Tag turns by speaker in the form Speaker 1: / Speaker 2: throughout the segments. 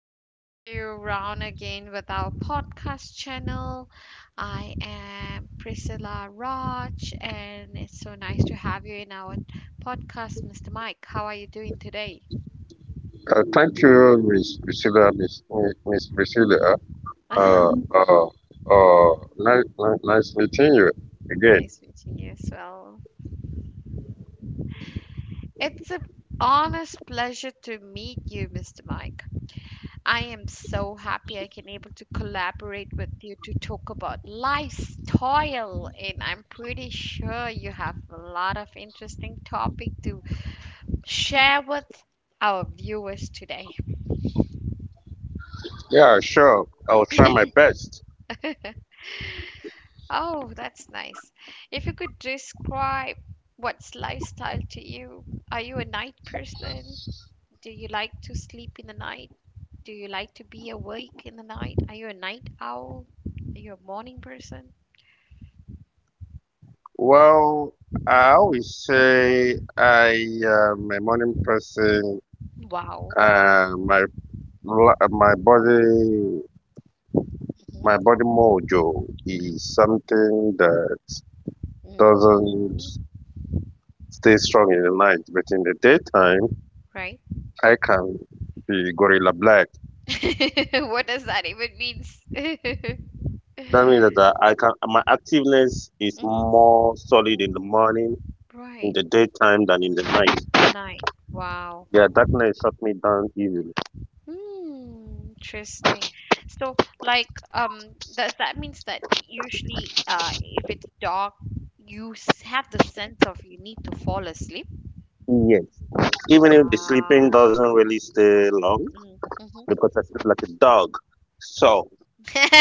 Speaker 1: to have you around again with our podcast channel. I am Priscilla Raj, and it's so nice to have you in our podcast, Mr. Mike. How are you doing today?
Speaker 2: Thank you, Miss Priscilla, Miss Priscilla. Uh, uh, Nice meeting you again.
Speaker 1: Nice meeting you as well. It's an honest pleasure to meet you, Mr. Mike. I am so happy I can able to collaborate with you to talk about lifestyle, and I'm pretty sure you have a lot of interesting topic to share with our viewers today.
Speaker 2: Yeah, sure. I'll try my best.
Speaker 1: Oh, that's nice. If you could describe what's lifestyle to you, are you a night person? Do you like to sleep in the night? Do you like to be awake in the night? Are you a night owl? Are you a morning person?
Speaker 2: Well, I
Speaker 1: Hmm.
Speaker 2: always say I am a morning person.
Speaker 1: Wow.
Speaker 2: Uh, my my body,
Speaker 1: Mm-hmm.
Speaker 2: my body mojo is something that doesn't
Speaker 1: Mhm.
Speaker 2: stay strong in the night, but in the daytime,
Speaker 1: Right?
Speaker 2: I can be gorilla black.
Speaker 1: What does that even means?
Speaker 2: That means that I can my activeness is
Speaker 1: Mm,
Speaker 2: more solid in the
Speaker 1: mhm.
Speaker 2: morning, in
Speaker 1: Right.
Speaker 2: the daytime than in the night.
Speaker 1: Night. Wow.
Speaker 2: Yeah, darkness shut me down easily.
Speaker 1: Hmm, interesting. So, like, does that means that usually, if it's dark, you have the sense of you need to fall asleep?
Speaker 2: Yes. Even if the sleeping
Speaker 1: Wow.
Speaker 2: doesn't really stay long
Speaker 1: Mm, mhm.
Speaker 2: because I sleep like a dog. So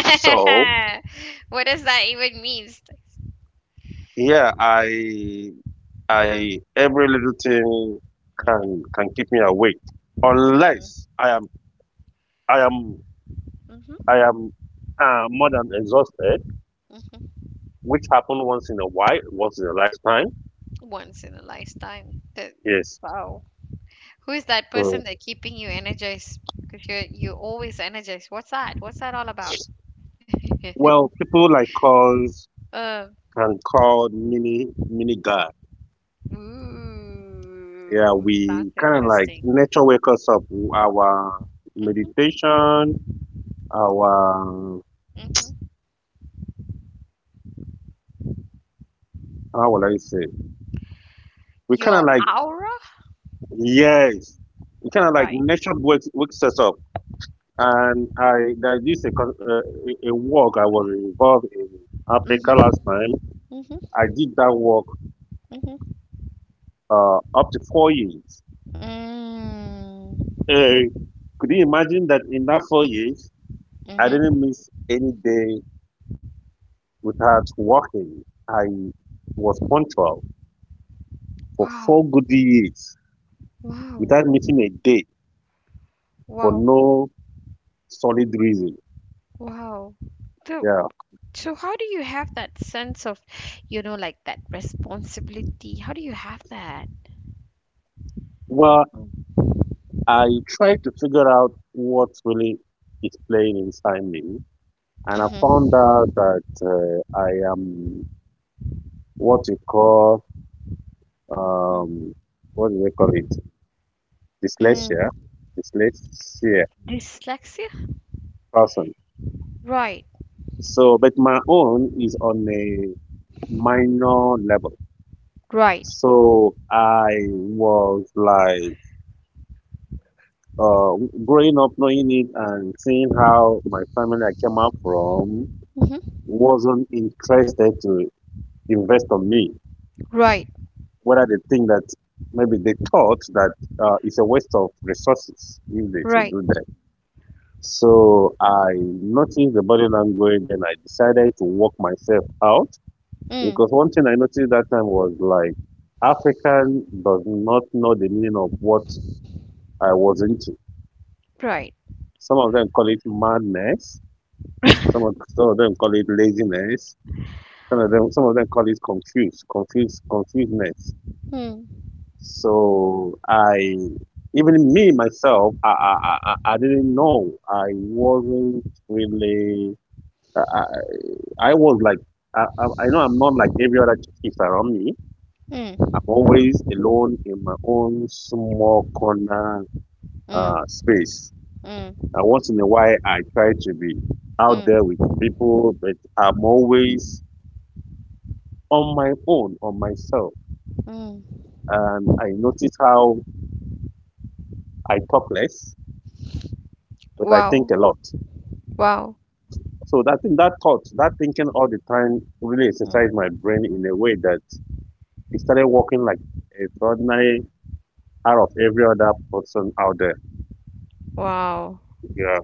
Speaker 2: so
Speaker 1: What does that even means?
Speaker 2: yeah, I every little thing can
Speaker 1: Mm-hmm.
Speaker 2: can keep me awake unless I am I
Speaker 1: Mm-hmm.
Speaker 2: am more than exhausted, which happen once in a while, once in a lifetime.
Speaker 1: Once in a lifetime. That
Speaker 2: Yes.
Speaker 1: wow. Who is that
Speaker 2: Mm.
Speaker 1: person that keeping you energized? Because you always energized. What's that? What's that all about?
Speaker 2: Well, people like us
Speaker 1: Um.
Speaker 2: can call mini God. Yeah,
Speaker 1: Ooh, sounds
Speaker 2: we kind of like
Speaker 1: interesting.
Speaker 2: nature wake us up. Our
Speaker 1: Mhm.
Speaker 2: meditation, our
Speaker 1: Mhm.
Speaker 2: how will I say? We kind of
Speaker 1: Your
Speaker 2: like
Speaker 1: aura.
Speaker 2: yes, we kind of like
Speaker 1: Right.
Speaker 2: nature wakes us up. And I There is a con- a work I was involved in Africa
Speaker 1: Mhm.
Speaker 2: last time.
Speaker 1: Mhm.
Speaker 2: I did that work
Speaker 1: Mhm.
Speaker 2: up to 4 years.
Speaker 1: Mm.
Speaker 2: Uh, could you imagine that in that 4 years? I
Speaker 1: Mhm.
Speaker 2: didn't miss any day without working. I was punctual for
Speaker 1: Wow.
Speaker 2: four good years
Speaker 1: Wow.
Speaker 2: without missing a day for
Speaker 1: Wow.
Speaker 2: no solid reason.
Speaker 1: Wow. So
Speaker 2: Yeah.
Speaker 1: So how do you have that sense of, you know, like that responsibility? How do you have that?
Speaker 2: Well, I tried to figure out what really is playing inside me, and I found
Speaker 1: Mm-hmm.
Speaker 2: out that I am what you call um, what do they call it?
Speaker 1: Mm.
Speaker 2: Dyslexia, dyslexia
Speaker 1: Dyslexia?
Speaker 2: person.
Speaker 1: Right,
Speaker 2: But my own is on a minor level.
Speaker 1: right.
Speaker 2: So I was like uh, growing up knowing it and seeing how my family I came up from
Speaker 1: Mm-hmm.
Speaker 2: wasn't interested to invest on me.
Speaker 1: Right,
Speaker 2: Whether they think that maybe they thought that it's a waste of resources if they should
Speaker 1: right.
Speaker 2: do that. So I noticed the body language, then I decided to work myself out.
Speaker 1: Mm.
Speaker 2: Because one thing I noticed that time was like African does not know the meaning of what I was into.
Speaker 1: Right.
Speaker 2: Some of them call it madness. Some of some of them call it laziness. Some of them call it confusedness.
Speaker 1: Mm.
Speaker 2: So I even me myself, I didn't know. I wasn't really. I, I I was like I know I'm not like every other kids around me,
Speaker 1: Mm.
Speaker 2: I'm always alone in my own small corner
Speaker 1: Mm.
Speaker 2: space.
Speaker 1: Mm.
Speaker 2: And once in a while, I try to be out there
Speaker 1: Mm.
Speaker 2: with people, but I'm always on my own, on myself.
Speaker 1: Mm.
Speaker 2: And I notice how I talk less, but I think
Speaker 1: Wow.
Speaker 2: a lot.
Speaker 1: Wow.
Speaker 2: So that thing, that thought, that thinking all the time really
Speaker 1: Mm.
Speaker 2: exercised my brain in a way that it started working like extraordinary out of every other person out there.
Speaker 1: Wow.
Speaker 2: Yeah.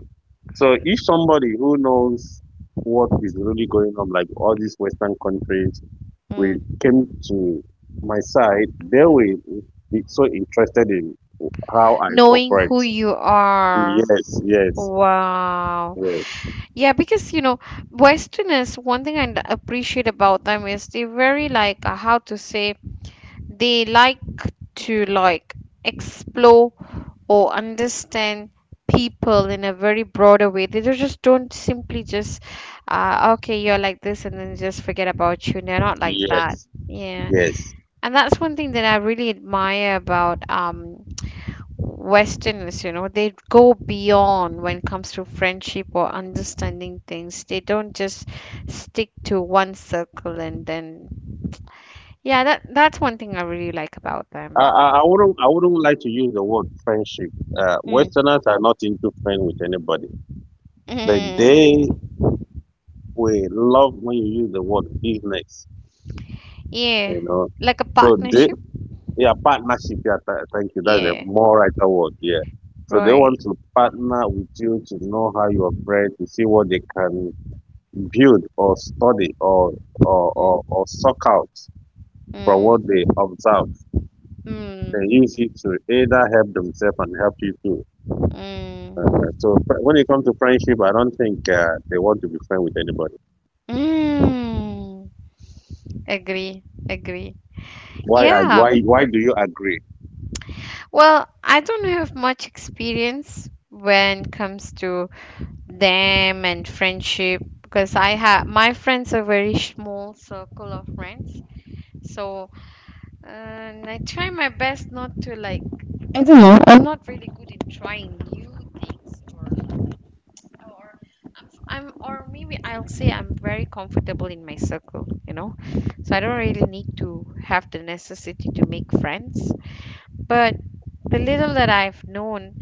Speaker 2: So if somebody who knows what is really going on, like all these Western countries, we
Speaker 1: Mm.
Speaker 2: came to my side, they will be so interested in how I
Speaker 1: Knowing
Speaker 2: operate.
Speaker 1: who you are.
Speaker 2: Yes, yes,
Speaker 1: Wow.
Speaker 2: yes,
Speaker 1: Yeah, because you know, Westerners, one thing I appreciate about them is they very like how to say, they like to like explore or understand people in a very broader way. They just don't simply just okay, you're like this and then just forget about you. They're not like that.
Speaker 2: yes,
Speaker 1: Yeah.
Speaker 2: yes.
Speaker 1: And that's one thing that I really admire about Westerners, you know, they go beyond when it comes to friendship or understanding things. They don't just stick to one circle, and then yeah, that that's one thing I really like about them.
Speaker 2: I wouldn't like to use the word friendship.
Speaker 1: Mm.
Speaker 2: Westerners are not into friend with anybody, but
Speaker 1: Mm,
Speaker 2: they will love when you use the word business.
Speaker 1: yeah,
Speaker 2: You know,
Speaker 1: like a
Speaker 2: so they
Speaker 1: partnership.
Speaker 2: yeah, partnership. Yeah, thank you. That's a
Speaker 1: Yeah,
Speaker 2: more right word. Yeah. So they
Speaker 1: right.
Speaker 2: want to partner with you to know how you operate, to see what they can build or study or
Speaker 1: Mm.
Speaker 2: or suck out from
Speaker 1: Mm,
Speaker 2: what they observe. They
Speaker 1: mm,
Speaker 2: use it to either help themselves and help you too.
Speaker 1: mm,
Speaker 2: When it comes to friendship, I don't think they want to be friends with anybody.
Speaker 1: mm. Agree, agree.
Speaker 2: Why?
Speaker 1: Yeah.
Speaker 2: Why? Why do you agree?
Speaker 1: Well, I don't have much experience when it comes to them and friendship because I have my friends are very small circle of friends. So and I try my best not to like, I don't know. I'm not really good in trying new things or, I'm, or maybe I'll say I'm very comfortable in my circle, you know. So I don't really need to have the necessity to make friends. But the little that I've known,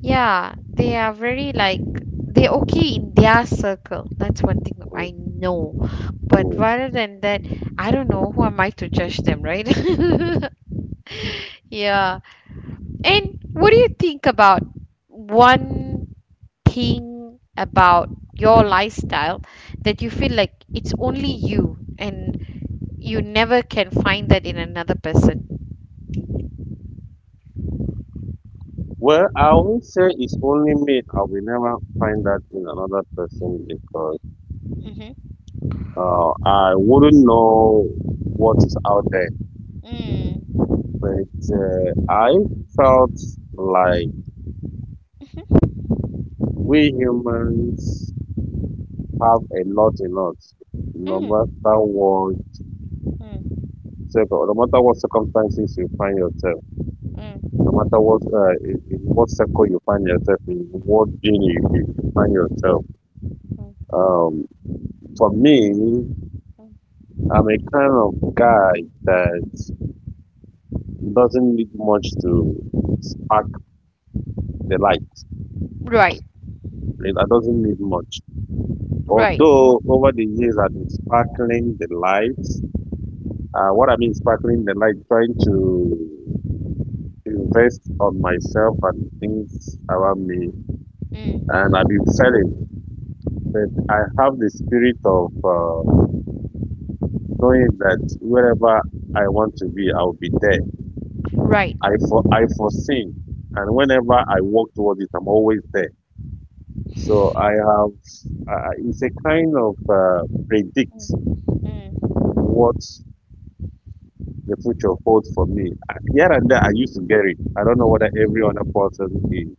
Speaker 1: yeah, they are very like, they're okay in their circle. That's one thing
Speaker 2: Mm,
Speaker 1: I know. But
Speaker 2: mm.
Speaker 1: rather than that, I don't know who am I to judge them, right? Yeah. And what do you think about one thing about your lifestyle that you feel like it's only you and you never can find that in another person?
Speaker 2: Well, I won't say it's only me. I will never find that in another person because.
Speaker 1: Mm-hmm.
Speaker 2: I wouldn't know what is out there,
Speaker 1: Mm.
Speaker 2: but I felt like
Speaker 1: Mhm.
Speaker 2: we humans have a lot in us, no
Speaker 1: Mm.
Speaker 2: matter what,
Speaker 1: Mm.
Speaker 2: no matter what circumstances you find yourself,
Speaker 1: Mm.
Speaker 2: no matter what in what circle you find yourself, in what gene you find yourself.
Speaker 1: Mm.
Speaker 2: Um, for me,
Speaker 1: Mm.
Speaker 2: I'm a kind of guy that doesn't need much to spark the light.
Speaker 1: Right,
Speaker 2: Like, I doesn't need much.
Speaker 1: right,
Speaker 2: Although over the years I've been sparkling the lights, what I mean sparkling the light, trying to invest on myself and things around me, and
Speaker 1: mm.
Speaker 2: I've been failing. But I have the spirit of knowing that wherever I want to be, I'll be there.
Speaker 1: Right.
Speaker 2: I foresee, and whenever I walk towards it, I'm always there. So I have. It's a kind of predict
Speaker 1: Mm,
Speaker 2: what the future holds for me. Here and there, I used to get it. I don't know whether
Speaker 1: mm,
Speaker 2: every other person is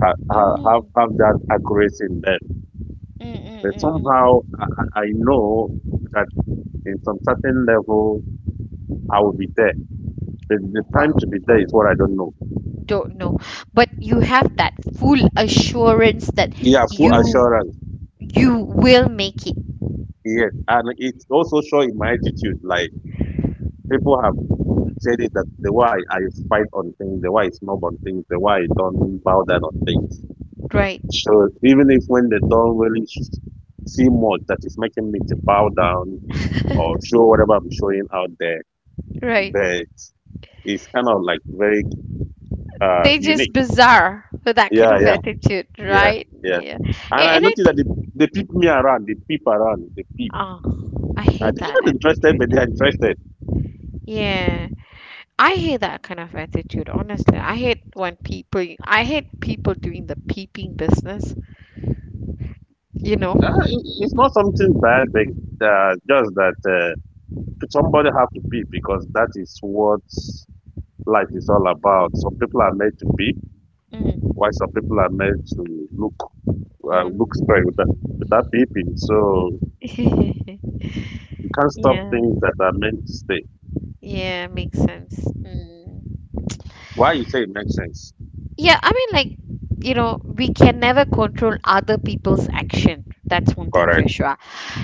Speaker 2: ha,
Speaker 1: mm,
Speaker 2: ha,
Speaker 1: mm,
Speaker 2: have that accuracy in them,
Speaker 1: mm,
Speaker 2: but
Speaker 1: mm, mm.
Speaker 2: somehow I know that in some certain level I will be there. The time
Speaker 1: Wow,
Speaker 2: to be there is what I don't know.
Speaker 1: don't know. But you have that full assurance that
Speaker 2: Yeah, full
Speaker 1: you
Speaker 2: assurance.
Speaker 1: you will make it,
Speaker 2: Yes, and it's also show in my attitude. Like people have said it that the way I fight on things, the way I snob on things, the way I don't bow down on things.
Speaker 1: right?
Speaker 2: So even if when they don't really see much that is making me to bow down or show whatever I'm showing out there,
Speaker 1: Right.
Speaker 2: but it's kind of like very
Speaker 1: They just
Speaker 2: unique.
Speaker 1: bizarre with that kind
Speaker 2: Yeah,
Speaker 1: of
Speaker 2: yeah,
Speaker 1: attitude,
Speaker 2: yeah,
Speaker 1: right?
Speaker 2: yeah.
Speaker 1: Yeah.
Speaker 2: And I
Speaker 1: I
Speaker 2: noticed that
Speaker 1: think,
Speaker 2: they peep me around, they peep around, they peep.
Speaker 1: ah, I
Speaker 2: Uh,
Speaker 1: hate
Speaker 2: they're
Speaker 1: that
Speaker 2: not interested, but
Speaker 1: attitude.
Speaker 2: they're interested.
Speaker 1: Yeah. I hate that kind of attitude, honestly. I hate when people, I hate people doing the peeping business, you know?
Speaker 2: It's not something bad, but just that somebody have to peep because that is what life is all about. Some people are made to peep,
Speaker 1: Mm,
Speaker 2: while some people are made to look look straight
Speaker 1: mm.
Speaker 2: with that without beeping. So you can't stop
Speaker 1: Yeah,
Speaker 2: things that are meant to stay.
Speaker 1: yeah, makes sense. Mm.
Speaker 2: Why you say it makes sense?
Speaker 1: Yeah, I mean, like, you know, we can never control other people's action. That's one thing for
Speaker 2: Correct.
Speaker 1: sure.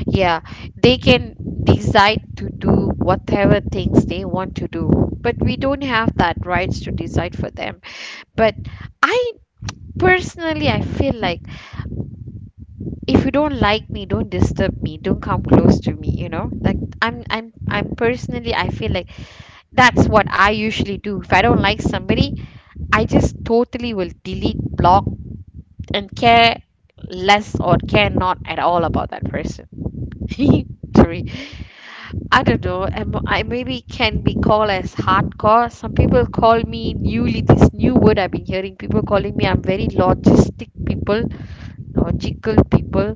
Speaker 1: Yeah, they can decide to do whatever things they want to do, but we don't have that rights to decide for them. But I personally, I feel like if you don't like me, don't disturb me, don't come close to me, you know? Like, I'm personally, I feel like that's what I usually do. If I don't like somebody, I just totally will delete, block, and care less or care not at all about that person. Sorry, I don't know. I'm, I maybe can be called as hardcore. Some people call me newly this new word I've been hearing. People calling me I'm very logistic people, logical people.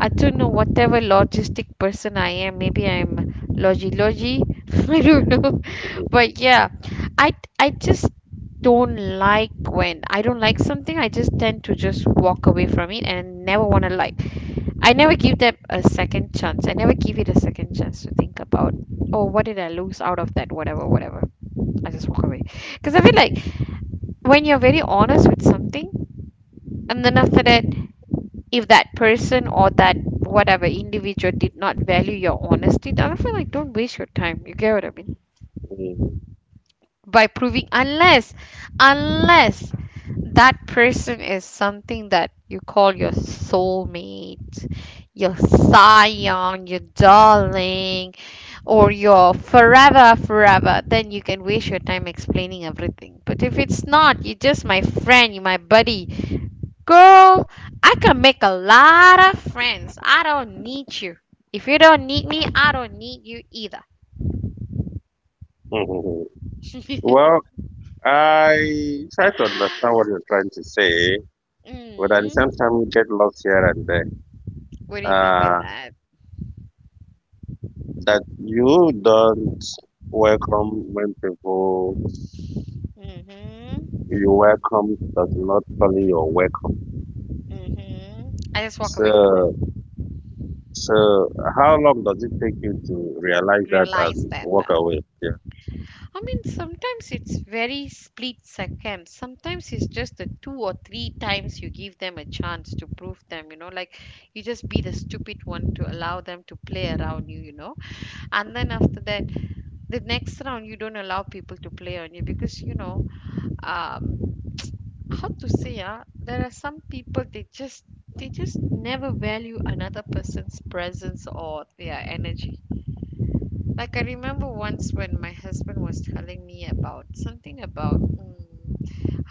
Speaker 1: I don't know whatever logistic person I am. Maybe I'm logi logi. I don't know. But yeah, I just don't like when I don't like something. I just tend to just walk away from it and never want to like. I never give them a second chance. I never give it a second chance to think about. Oh, what did I lose out of that? Whatever, whatever. I just walk away because I feel like when you're very honest with something, and then after that, if that person or that whatever individual did not value your honesty, then I feel like don't waste your time, you get what I mean
Speaker 2: Mm.
Speaker 1: by proving, unless that person is something that you call your soulmate, your scion, your darling, or your forever, then you can waste your time explaining everything. But if it's not, you're just my friend, you're my buddy. Girl, I can make a lot of friends. I don't need you. If you don't need me, I don't need you either.
Speaker 2: Mhm. Well, I try to understand what you're trying to say, but at the same
Speaker 1: Mm,
Speaker 2: time, you get lost here and there.
Speaker 1: what do you mean by
Speaker 2: Uh,
Speaker 1: that?
Speaker 2: that you don't welcome when people
Speaker 1: Mm-hmm.
Speaker 2: you welcome does not only your welcome.
Speaker 1: Mm-hmm. I just walk away from them.
Speaker 2: So, so how long does it take you to realize that
Speaker 1: Realize
Speaker 2: and
Speaker 1: that.
Speaker 2: walk away? Yeah.
Speaker 1: I mean, sometimes it's very split second. Sometimes it's just the two or three times you give them a chance to prove them, you know, like you just be the stupid one to allow them to play around you, you know. And then after that, the next round you don't allow people to play on you because you know, um, how to say, ah, there are some people, they just never value another person's presence or their energy, like I remember once when my husband was telling me about something about, mm,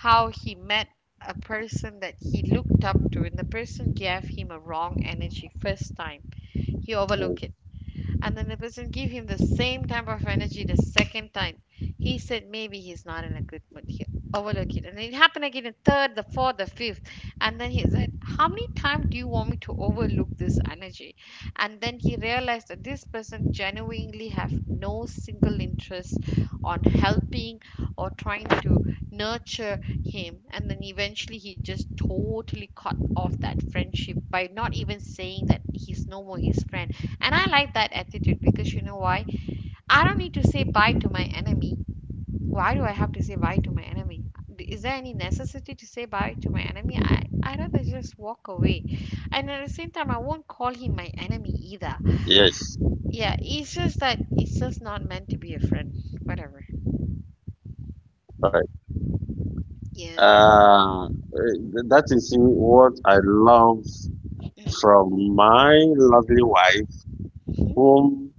Speaker 1: how he met a person that he looked up to, and the person gave him a wrong energy first time, he
Speaker 2: Mm.
Speaker 1: overlooked it. And then the person gave him the same type of energy the second time. He said maybe he's not in a good mood. He overlooked it. And it happened again the third, the fourth, the fifth. And then he said, how many times do you want me to overlook this energy? And then he realized that this person genuinely have no single interest on helping or trying to nurture him. And then eventually he just totally cut off that friendship by not even saying that he's no more his friend. And I like that attitude because you know why? I don't need to say bye to my enemy. Why do I have to say bye to my enemy? Is there any necessity to say bye to my enemy? I'd rather just walk away. And at the same time, I won't call him my enemy either.
Speaker 2: Yes.
Speaker 1: Yeah, it's just that it's just not meant to be a friend. Whatever.
Speaker 2: Correct.
Speaker 1: Yeah.
Speaker 2: Uh, that is what I love from my lovely wife,
Speaker 1: Mhm.
Speaker 2: whom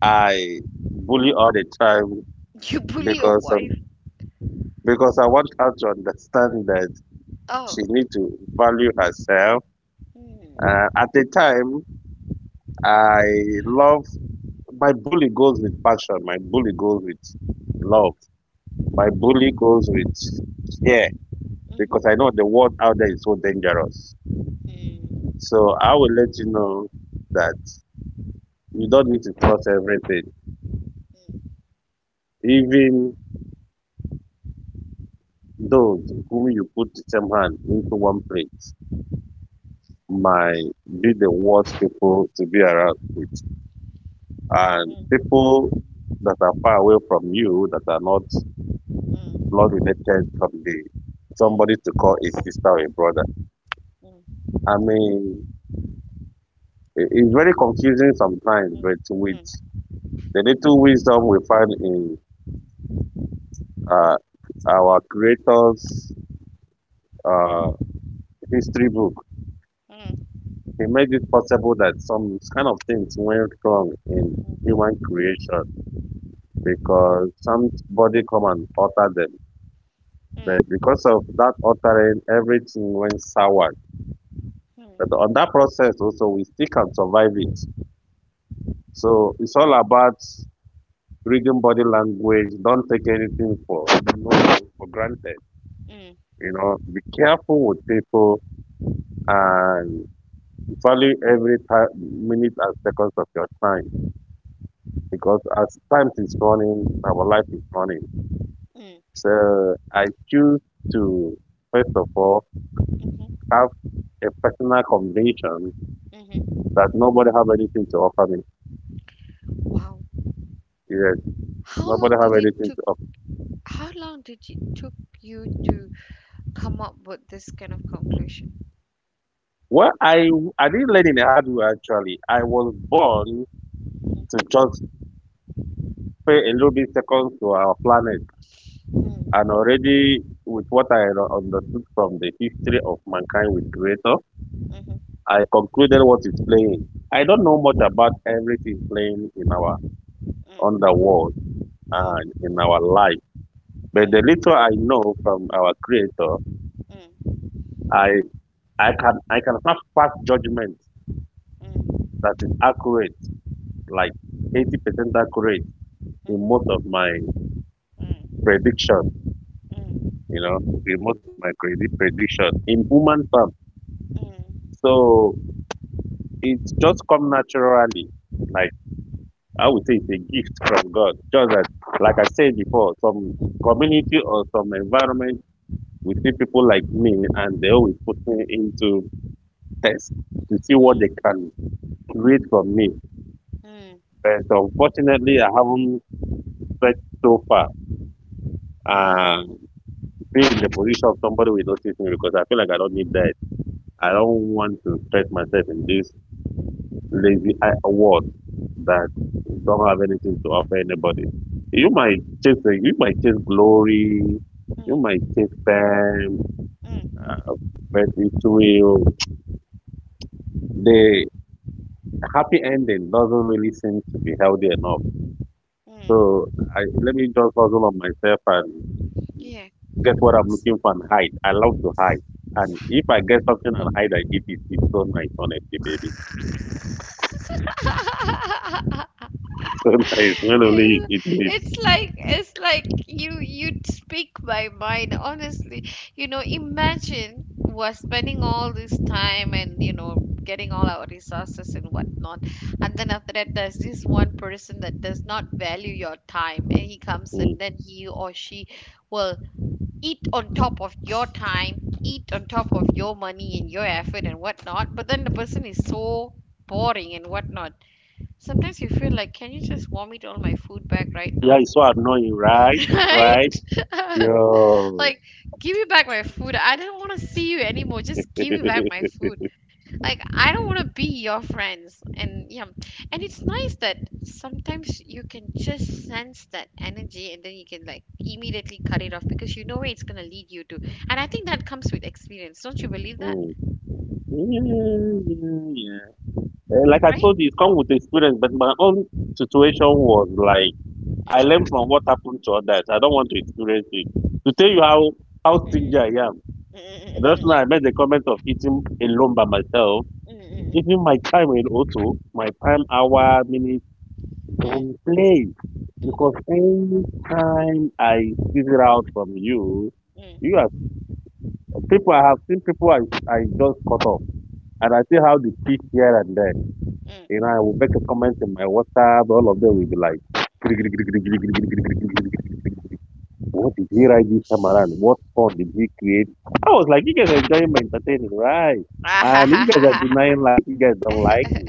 Speaker 2: I bully all the time
Speaker 1: You bully your
Speaker 2: because of,
Speaker 1: wife.
Speaker 2: because I want her to understand that she
Speaker 1: Oh.
Speaker 2: needs to value herself.
Speaker 1: Hmm.
Speaker 2: At the time, I love my bully goes with passion. My bully goes with love. My bully
Speaker 1: Mm-hmm.
Speaker 2: goes with care because I
Speaker 1: Mhm.
Speaker 2: know the world out there is so dangerous.
Speaker 1: Mhm.
Speaker 2: So I will let you know that. You don't need to trust everything.
Speaker 1: Mm.
Speaker 2: Even those whom you put the same hand into one plate might
Speaker 1: Mm.
Speaker 2: be the worst people to be around with. And
Speaker 1: Mm.
Speaker 2: people that are far away from you, that are not
Speaker 1: Mm. Mm.
Speaker 2: blood
Speaker 1: Mm.
Speaker 2: related from the somebody to call a sister or a brother. I mean, it's very confusing sometimes, but with the little wisdom we find in uh,
Speaker 1: Mm. Mm.
Speaker 2: our
Speaker 1: Mm.
Speaker 2: creator's uh, history book He made it possible that some kind of things went wrong in
Speaker 1: Mm.
Speaker 2: human creation because somebody come and alter them.
Speaker 1: Mm.
Speaker 2: But because of that altering, everything went sour. But
Speaker 1: Hmm.
Speaker 2: on that process also, we still can survive it. So it's all about reading body language. Don't take anything for no for granted.
Speaker 1: Mm,
Speaker 2: You know, be careful with people and value every time, minute and seconds of your time. Because as time is running, our life is
Speaker 1: mm,
Speaker 2: running.
Speaker 1: mm,
Speaker 2: So I choose to, first of all,
Speaker 1: mhm,
Speaker 2: have a personal conviction
Speaker 1: mhm.
Speaker 2: that nobody have anything to offer me.
Speaker 1: Wow.
Speaker 2: Yes,
Speaker 1: How
Speaker 2: nobody
Speaker 1: long
Speaker 2: have
Speaker 1: did it
Speaker 2: anything to
Speaker 1: took
Speaker 2: offer.
Speaker 1: how long did it took you to come up with this kind of conclusion?
Speaker 2: Well, I didn't learn in a hard way actually. I was born to just pay a little bit seconds to our planet,
Speaker 1: Mhm,
Speaker 2: and
Speaker 1: mm,
Speaker 2: already with what I had understood from the history of mankind with Creator,
Speaker 1: mhm,
Speaker 2: I concluded what is playing. I don't know much about everything playing in our on the world
Speaker 1: mm, mm, mm,
Speaker 2: and
Speaker 1: mm,
Speaker 2: in our life. But the little I know from our Creator,
Speaker 1: mm, mm,
Speaker 2: I I can have fast judgment
Speaker 1: mm, mm, mm, mm, mm, mm,
Speaker 2: that is accurate, like 80% accurate in most of my prediction. You know, in most of my crazy prediction in human terms. So it just come naturally. Like I would say, it's a gift from God. Just that, like I said before, some community or some environment we see people like me and they always put me into test to see what they can read from me. But unfortunately, I haven't stretched so far. Um, be in the position of somebody will notice me because I feel like I don't need that. I
Speaker 1: mm,
Speaker 2: don't want to stretch myself in this lazy world that don't have anything to offer anybody. You might you might chase glory, you might
Speaker 1: mm,
Speaker 2: chase fame,
Speaker 1: mm,
Speaker 2: uh, but it will the happy ending doesn't really seem to be healthy enough.
Speaker 1: mm.
Speaker 2: So I let me just hustle on myself and
Speaker 1: Yeah.
Speaker 2: get what I'm looking for and hide. I love to hide. And if I get something and hide, I eat it. It's so nice, honestly, baby. It's so nice. Not only
Speaker 1: It's
Speaker 2: eating it-
Speaker 1: it's like it's like you you'd speak my mind honestly. You know, imagine we're spending all this time and you know getting all our resources and whatnot, and then after that there's this one person that does not value your time, and he comes
Speaker 2: mm.
Speaker 1: and then he or she will eat on top of your time, eat on top of your money and your effort and whatnot. But then the person is so boring and whatnot. Sometimes you feel like, can you just warm it all my food back right
Speaker 2: Yeah,
Speaker 1: now?
Speaker 2: it's so annoying, right?
Speaker 1: Right?
Speaker 2: Right? Yo.
Speaker 1: Like, give me back my food. I don't want to see you anymore. Just give me back my food. Like, I don't want to be your friends. And yeah, and it's nice that sometimes you can just sense that energy and then you can like immediately cut it off because you know where it's going to lead you to. And I think that comes with experience. Don't you believe that?
Speaker 2: Mm. Yeah, yeah, yeah. Eh, like I
Speaker 1: Right?
Speaker 2: told you, it comes with experience, but my own situation was like I learned
Speaker 1: Mm,
Speaker 2: from what happened to others. I don't want to experience it. To tell you how stingy I
Speaker 1: mm,
Speaker 2: am. Just
Speaker 1: mm,
Speaker 2: now, I made the
Speaker 1: mm,
Speaker 2: comment of eating alone by myself.
Speaker 1: mm, mm, mm, mm, mm, mm, mm,
Speaker 2: Even my time in auto, my time hour minute don't play
Speaker 1: mm,
Speaker 2: because
Speaker 1: mm,
Speaker 2: any time I squeeze it out from you, you
Speaker 1: mm,
Speaker 2: are people. I have seen people I just cut off, and I see how they speak here and there.
Speaker 1: mm,
Speaker 2: You know, I will make a comment in my WhatsApp. All of them will be like. What did he
Speaker 1: mm.
Speaker 2: write this time around? What fun did he create? I was like, you guys are enjoying my entertainment, right? And you guys are denying like you guys don't like me.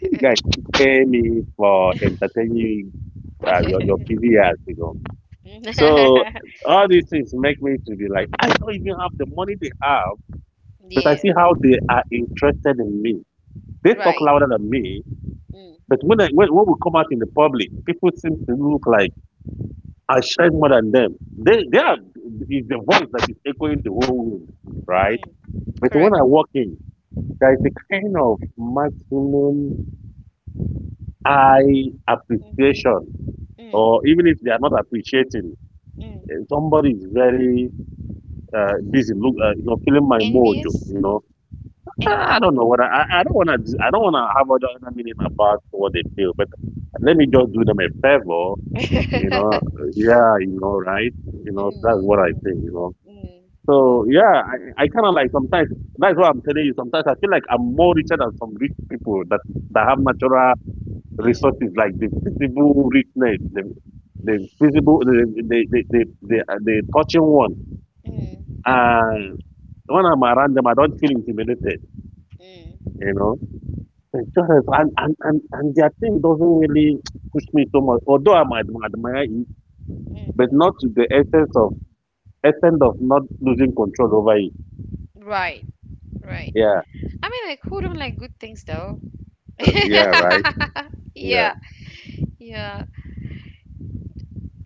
Speaker 2: You guys pay me for entertaining your busy ass, you know. So all these things make me to be like, I don't even have the money they have, but I
Speaker 1: Yeah,
Speaker 2: see how they are interested in me. They talk
Speaker 1: right.
Speaker 2: louder than me,
Speaker 1: Mm,
Speaker 2: but when we come out in the public, people seem to look like I shine more than them. They are is the voice that is echoing the whole room, right?
Speaker 1: mm,
Speaker 2: But when
Speaker 1: correct.
Speaker 2: I walk in, there is a kind of maximum eye
Speaker 1: Mm,
Speaker 2: appreciation,
Speaker 1: mm,
Speaker 2: or even if they are not appreciating,
Speaker 1: mm.
Speaker 2: eh, somebody is very busy, look, you know, feeling my mojo,
Speaker 1: Envious?
Speaker 2: you know. I
Speaker 1: Envious?
Speaker 2: don't know what I don't wanna I don't wanna have other meaning about what they feel, but let me just do them a favor, you know. Yeah, you know, right? You
Speaker 1: Mm,
Speaker 2: know, that's what I
Speaker 1: mm,
Speaker 2: think, you know.
Speaker 1: mm,
Speaker 2: So
Speaker 1: mm,
Speaker 2: yeah, I kind of like sometimes that's what I'm telling you. Sometimes I feel like I'm more richer than some rich people that that have natural
Speaker 1: mm,
Speaker 2: resources like the visible richness, the visible, the touching one.
Speaker 1: mm,
Speaker 2: And when I'm around them, I don't feel intimidated.
Speaker 1: mm,
Speaker 2: You know, it's just and their thing doesn't really push me so much. Although I might admire it, but
Speaker 1: mm.
Speaker 2: not to the essence of extent of not losing control over it.
Speaker 1: Right, right.
Speaker 2: Yeah,
Speaker 1: I mean, like, who don't like good things, though?
Speaker 2: yeah, right. Yeah,
Speaker 1: Yeah, yeah.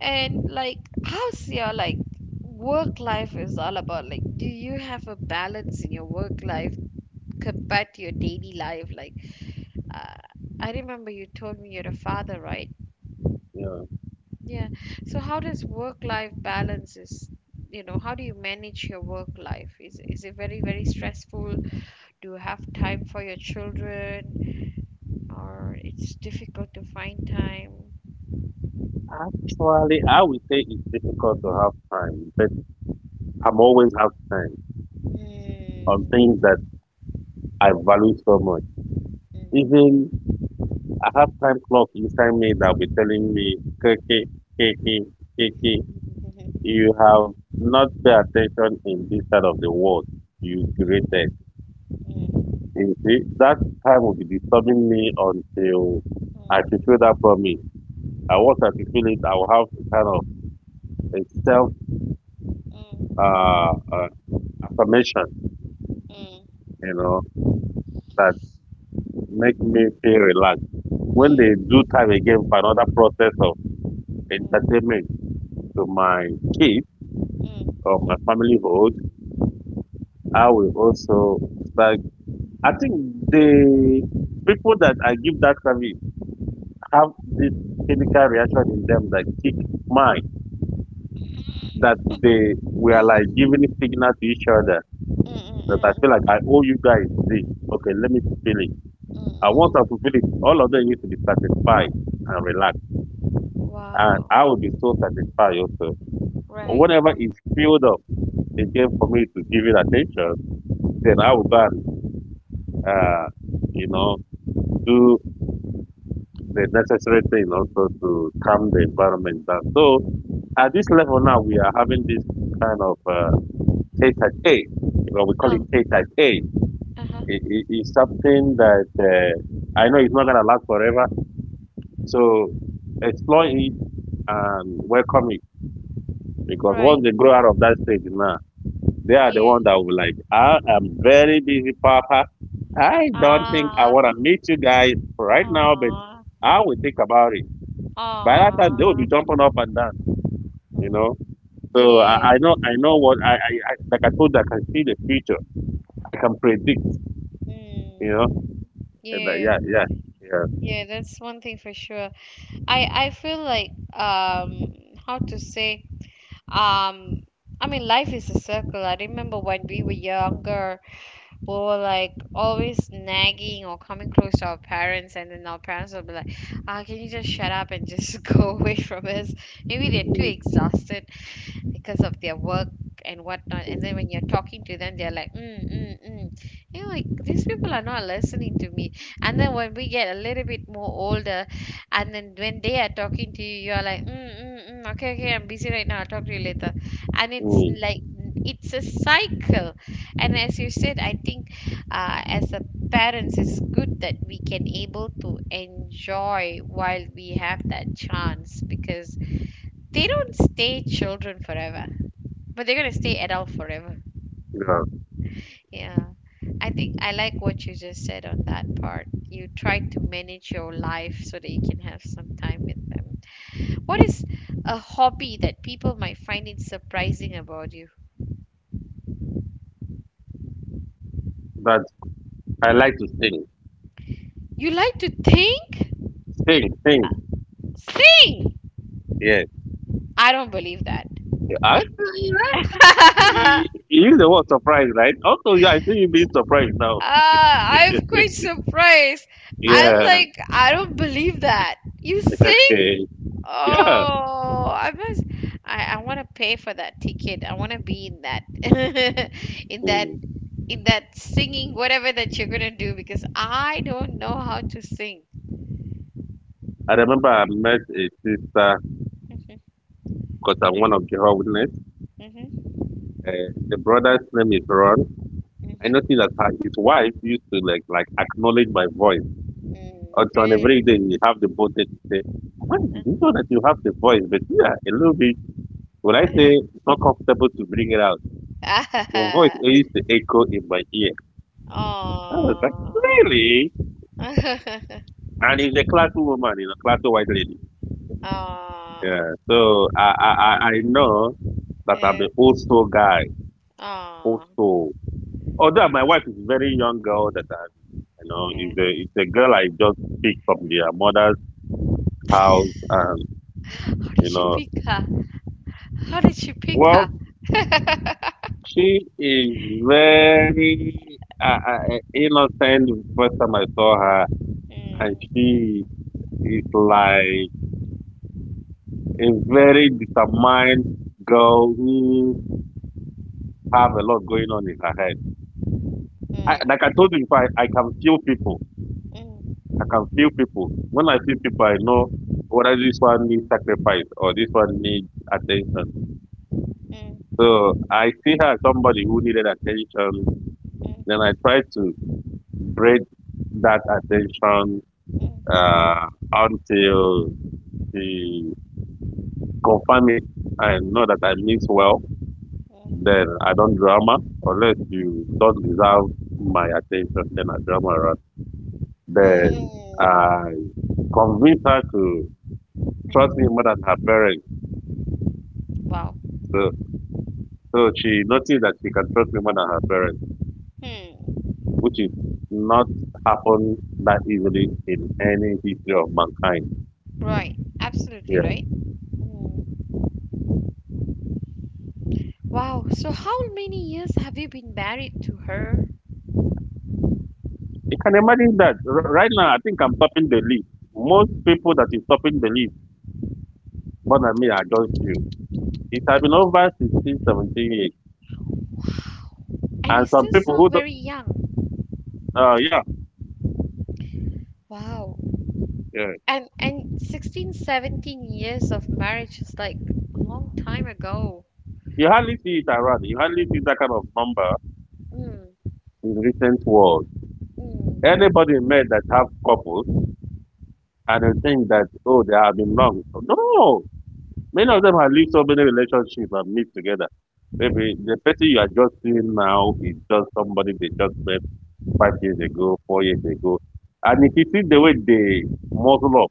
Speaker 1: And like, how's your like work life is all about? Like, do you have a balance in your work life compared to your daily life? Like, uh, I remember you told me you're a father, right?
Speaker 2: yeah.
Speaker 1: Yeah. So how does work life balance is, how do you manage your work life? Is it very, very stressful? Do you have time for your children? Or it's difficult to find time?
Speaker 2: Actually, I would say it's difficult to have time, but I'm always have time
Speaker 1: Mm,
Speaker 2: on things that I value so much.
Speaker 1: mm,
Speaker 2: Even I have time clock inside me that will be telling me, Kiki, Kiki, Kiki,
Speaker 1: mm,
Speaker 2: you have not pay attention in this side of the world you created.
Speaker 1: mm,
Speaker 2: You see, that time will be disturbing me until I
Speaker 1: mm,
Speaker 2: fulfill that promise. And once I fulfill it, I will have a kind of a self
Speaker 1: mm.
Speaker 2: uh, uh affirmation,
Speaker 1: Mm,
Speaker 2: you know, that make me feel relaxed. When they
Speaker 1: mm,
Speaker 2: do time again for another process of
Speaker 1: mm,
Speaker 2: entertainment to my kids
Speaker 1: mm.
Speaker 2: or my familyhood, I will also start. I think the people that I give that service have this chemical reaction in them that kick mine, that they
Speaker 1: Mhm.
Speaker 2: we are like
Speaker 1: Mm, mm,
Speaker 2: giving signal to each other
Speaker 1: mm,
Speaker 2: that I
Speaker 1: mm,
Speaker 2: feel like I
Speaker 1: mm,
Speaker 2: owe you guys this. Okay, let me fulfill it. And once I
Speaker 1: mm.
Speaker 2: fulfill it, all of them need to be satisfied and relaxed. And
Speaker 1: Wow.
Speaker 2: I will be so satisfied also. Or
Speaker 1: Right,
Speaker 2: whatever
Speaker 1: right.
Speaker 2: is filled up again for me to give it attention, then I will
Speaker 1: Mm.
Speaker 2: go and, uh, you know, do the necessary thing also to calm the environment down. So at this level now, we are having this kind of tete a tete. You know, we call
Speaker 1: Oh,
Speaker 2: it tete a tete.
Speaker 1: uh-huh.
Speaker 2: It's something that I know it's not going to last forever. So explore it and welcome it because
Speaker 1: Right.
Speaker 2: once they grow out of that stage now, they are the
Speaker 1: Yeah.
Speaker 2: one that will be like, I am very busy, Papa. I don't think I
Speaker 1: Ah,
Speaker 2: want to meet you guys right now, but
Speaker 1: ah,
Speaker 2: I will think about it. By that time, they will
Speaker 1: ah.
Speaker 2: be jumping up and down, you
Speaker 1: Mm.
Speaker 2: know. So
Speaker 1: Yeah.
Speaker 2: I know what I like. I told you, I can see the future. I can predict, you know.
Speaker 1: Mm.
Speaker 2: And
Speaker 1: Yeah.
Speaker 2: yeah, yeah, yeah,
Speaker 1: Yeah, that's one thing for sure. I feel like how to say um I mean life is a circle. I remember when we were younger, or like always nagging or coming close to our parents, and then our parents will be like, ah, can you just shut up and just go away from us? Maybe they're too
Speaker 2: mm,
Speaker 1: exhausted because of their work and whatnot. And then when you're talking to them, they're like mm mm mm, like these people are not listening to me. And then when we get a little bit more older, and then when they are talking to you, you're like mm mm mm, okay, okay, I'm busy right now, I'll talk to you later. And it's
Speaker 2: mm,
Speaker 1: like it's a cycle. And as you said, I think, as a parents, it's good that we can able to enjoy while we have that chance because they don't stay children forever, but they're gonna stay adult forever.
Speaker 2: yeah.
Speaker 1: Yeah, I think I like what you just said on that part. You try to manage your life so that you can have some time with them. What is a hobby that people might find it surprising about you?
Speaker 2: But I like to sing,
Speaker 1: You like to think
Speaker 2: sing, sing.
Speaker 1: sing.
Speaker 2: Yeah,
Speaker 1: I don't believe that.
Speaker 2: yeah. You right. You use the word surprise, right? Also, yeah, I think you being surprised now.
Speaker 1: Ah, I'm quite surprised. I'm
Speaker 2: Yeah.
Speaker 1: like, I don't believe that you sing.
Speaker 2: Okay. Yeah.
Speaker 1: Oh, I must. I want to pay for that ticket. I want to be in that, in that,
Speaker 2: Mm.
Speaker 1: in that singing, whatever that you're gonna do, because I don't know how to sing.
Speaker 2: I remember I met a sister because I'm one of Jehovah's Witness.
Speaker 1: Mm-hmm,
Speaker 2: The brother's name is Ron. I noticed
Speaker 1: hmm
Speaker 2: that his wife used to like acknowledge my voice.
Speaker 1: mm,
Speaker 2: And so on
Speaker 1: really?
Speaker 2: every day you have the boldness to say, "Man, you know that you have the voice, but you are a little bit when I say not comfortable to bring it out. Your voice
Speaker 1: Ah,
Speaker 2: used to echo in my ear." I was like,
Speaker 1: Oh.
Speaker 2: "Really?" And it's a classy woman, you know, classy white lady.
Speaker 1: Oh.
Speaker 2: Yeah. So I know that I'm
Speaker 1: Yeah.
Speaker 2: an old soul guy, old
Speaker 1: Oh.
Speaker 2: soul. Although my wife is a very young girl that I you know,
Speaker 1: Yeah.
Speaker 2: it's a girl I just picked from their mother's house, and
Speaker 1: How
Speaker 2: you
Speaker 1: did you
Speaker 2: know,
Speaker 1: pick her? How did you pick
Speaker 2: well,
Speaker 1: her?
Speaker 2: she is very innocent. The first time I saw her, and
Speaker 1: Mm,
Speaker 2: she is like a very
Speaker 1: mm,
Speaker 2: determined girl who have a lot going on in her head. I, like I
Speaker 1: mm,
Speaker 2: told you before, I can feel people.
Speaker 1: mm,
Speaker 2: I can feel people. When I see people, I know whether this one needs sacrifice or this one needs attention.
Speaker 1: mm,
Speaker 2: So I see her as somebody who needed attention.
Speaker 1: mm.
Speaker 2: Then I tried to braid that attention until she confirmed it. I know that I means well. Then I don't drama unless you don't deserve my attention. Then I drama around. Then I convince her to trust me more than her parents.
Speaker 1: Wow.
Speaker 2: So, so she noticed that she can trust me more than her parents,
Speaker 1: Hmm.
Speaker 2: which is not happen that easily in any history of mankind.
Speaker 1: Right. Absolutely
Speaker 2: Yeah,
Speaker 1: right. Wow. So how many years have you been married to her?
Speaker 2: you can imagine that right now. I think I'm topping the list. Most people that is topping the list more than me are just few. It has been over 16, 17 years,
Speaker 1: And you
Speaker 2: and some
Speaker 1: still
Speaker 2: people
Speaker 1: sound
Speaker 2: who, do
Speaker 1: very young.
Speaker 2: yeah,
Speaker 1: Wow.
Speaker 2: yeah,
Speaker 1: And 16, 17 years of marriage is like a long time ago.
Speaker 2: you hardly see it around. You hardly see that kind of number
Speaker 1: Mm,
Speaker 2: in recent world.
Speaker 1: mm,
Speaker 2: Anybody met that have couples and they think that oh they have been long. No, many of them have lived so many relationships and meet together. Maybe the person you are just seeing now is just somebody they just met 5 years ago, 4 years ago. And if you see the way they muzzle up,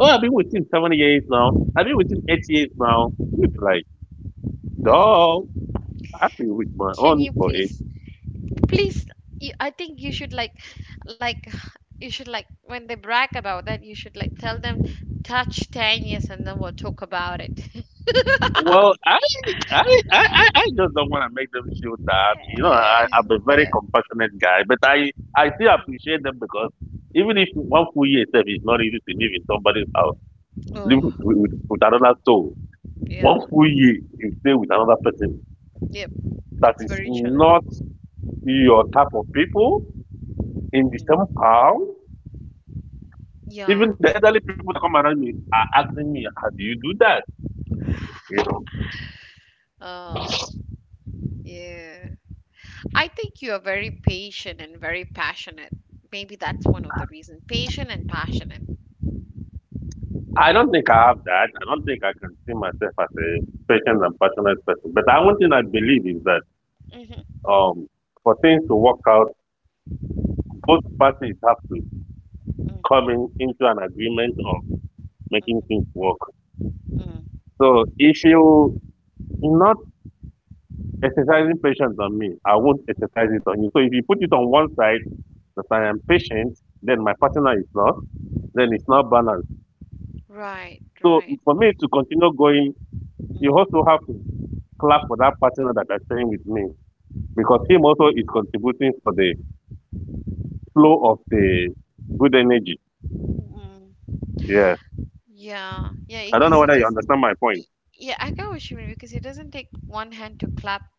Speaker 2: oh, I've been with him 7 years now, I've been with him 8 years now, you'd be like, dog,
Speaker 1: mm.
Speaker 2: I've been with my own
Speaker 1: Can you
Speaker 2: for
Speaker 1: please you, I think you should like you should like when they brag about that, you should like tell them, touch 10 years and then we'll talk about it.
Speaker 2: well, I, I, I just don't want to make them feel down. You know,
Speaker 1: uh,
Speaker 2: I'm a very
Speaker 1: yeah
Speaker 2: compassionate guy, but I still appreciate
Speaker 1: Mhm.
Speaker 2: them because even if one full year itself is not easy to live in somebody's house, live
Speaker 1: Oh,
Speaker 2: with another soul. One
Speaker 1: yeah.
Speaker 2: full year you stay with another person
Speaker 1: Yep,
Speaker 2: that
Speaker 1: it's
Speaker 2: is
Speaker 1: very
Speaker 2: not
Speaker 1: challenging.
Speaker 2: your type of people in the same
Speaker 1: Mm.
Speaker 2: house. Even
Speaker 1: Yeah.
Speaker 2: the elderly people that come around me are asking me, "How do you do that?"
Speaker 1: Oh, yeah. I think you are very patient and very passionate. Maybe that's one of the reasons. Patient and passionate.
Speaker 2: I don't think I have that. I don't think I can see myself as a patient and passionate person. But I one thing I believe is that
Speaker 1: Mhm,
Speaker 2: um, for things to work out, both parties have to come
Speaker 1: mm,
Speaker 2: in, into an agreement of making things
Speaker 1: mhm,
Speaker 2: work.
Speaker 1: mm,
Speaker 2: So if you not exercising patience on me, I won't
Speaker 1: mm,
Speaker 2: exercise it on you. So if you put it on one side that I am
Speaker 1: mm.
Speaker 2: patient, then my partner is
Speaker 1: Mm.
Speaker 2: not, then it's not balanced.
Speaker 1: Right,
Speaker 2: So
Speaker 1: right.
Speaker 2: for me to continue going, you also have to clap for that partner that is staying with me because him also is contributing for the flow of the good energy.
Speaker 1: Mm-hmm.
Speaker 2: Yeah.
Speaker 1: Yeah, yeah,
Speaker 2: I don't know
Speaker 1: because
Speaker 2: whether
Speaker 1: it
Speaker 2: you
Speaker 1: does.
Speaker 2: understand my point.
Speaker 1: y- Yeah, I get what you mean because it doesn't take one hand to clap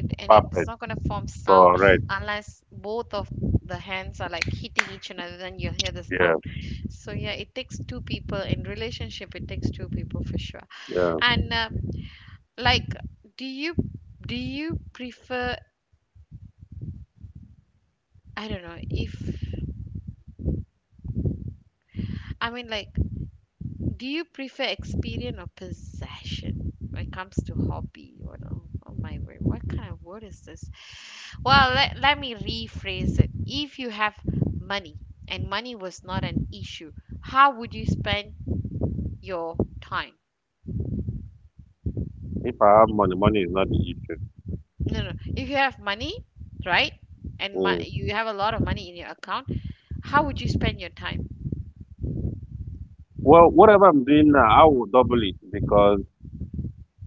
Speaker 1: it, and
Speaker 2: Perfect.
Speaker 1: it's not gonna form sound
Speaker 2: Correct.
Speaker 1: unless both of the hands are like hitting each another. Then you'll hear the
Speaker 2: Yeah.
Speaker 1: sound. So yeah, it takes two people in relationship. It takes two people for sure.
Speaker 2: Yeah.
Speaker 1: And like, do you do you prefer? I don't know if I mean like. Do you prefer experience or possession when it comes to hobby? What, oh, oh my word, what kind of word is this? Well, let me rephrase it. If you have money and money was not an issue, how would you spend your time?
Speaker 2: If I have money, money is not the issue.
Speaker 1: No, no. If you have money, right, and
Speaker 2: Mm.
Speaker 1: you have a lot of money in your account, how would you spend your time?
Speaker 2: Well, whatever I'm doing now, I will double it because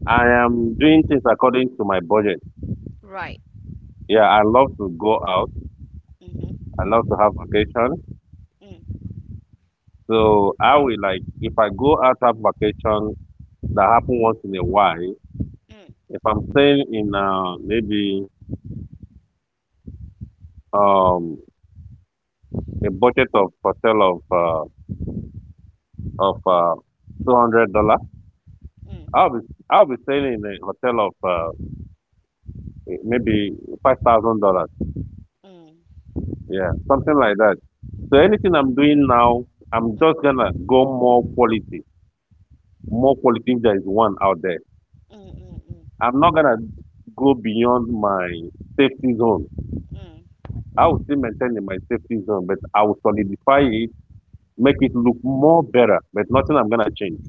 Speaker 2: I am doing things according to my budget.
Speaker 1: Right.
Speaker 2: Yeah. I love to go out. I
Speaker 1: Mm-hmm.
Speaker 2: love to have vacation. So I will like, if I go out have vacation that happen once in a while, if I'm staying in, maybe, um, a budget of hotel of of uh, 200 dollar. I'll
Speaker 1: Mm,
Speaker 2: be I'll be staying in a hotel of maybe $5,000.
Speaker 1: mm, mm, mm,
Speaker 2: Yeah, something like that. So anything I'm doing now,
Speaker 1: mm,
Speaker 2: I'm just
Speaker 1: mm,
Speaker 2: gonna go more quality, more quality. If there is one out there,
Speaker 1: mm, mm,
Speaker 2: I'm not gonna go beyond my safety zone.
Speaker 1: mm,
Speaker 2: I will still maintain in my safety zone, but I will solidify it, make it look more better. But nothing I'm gonna change.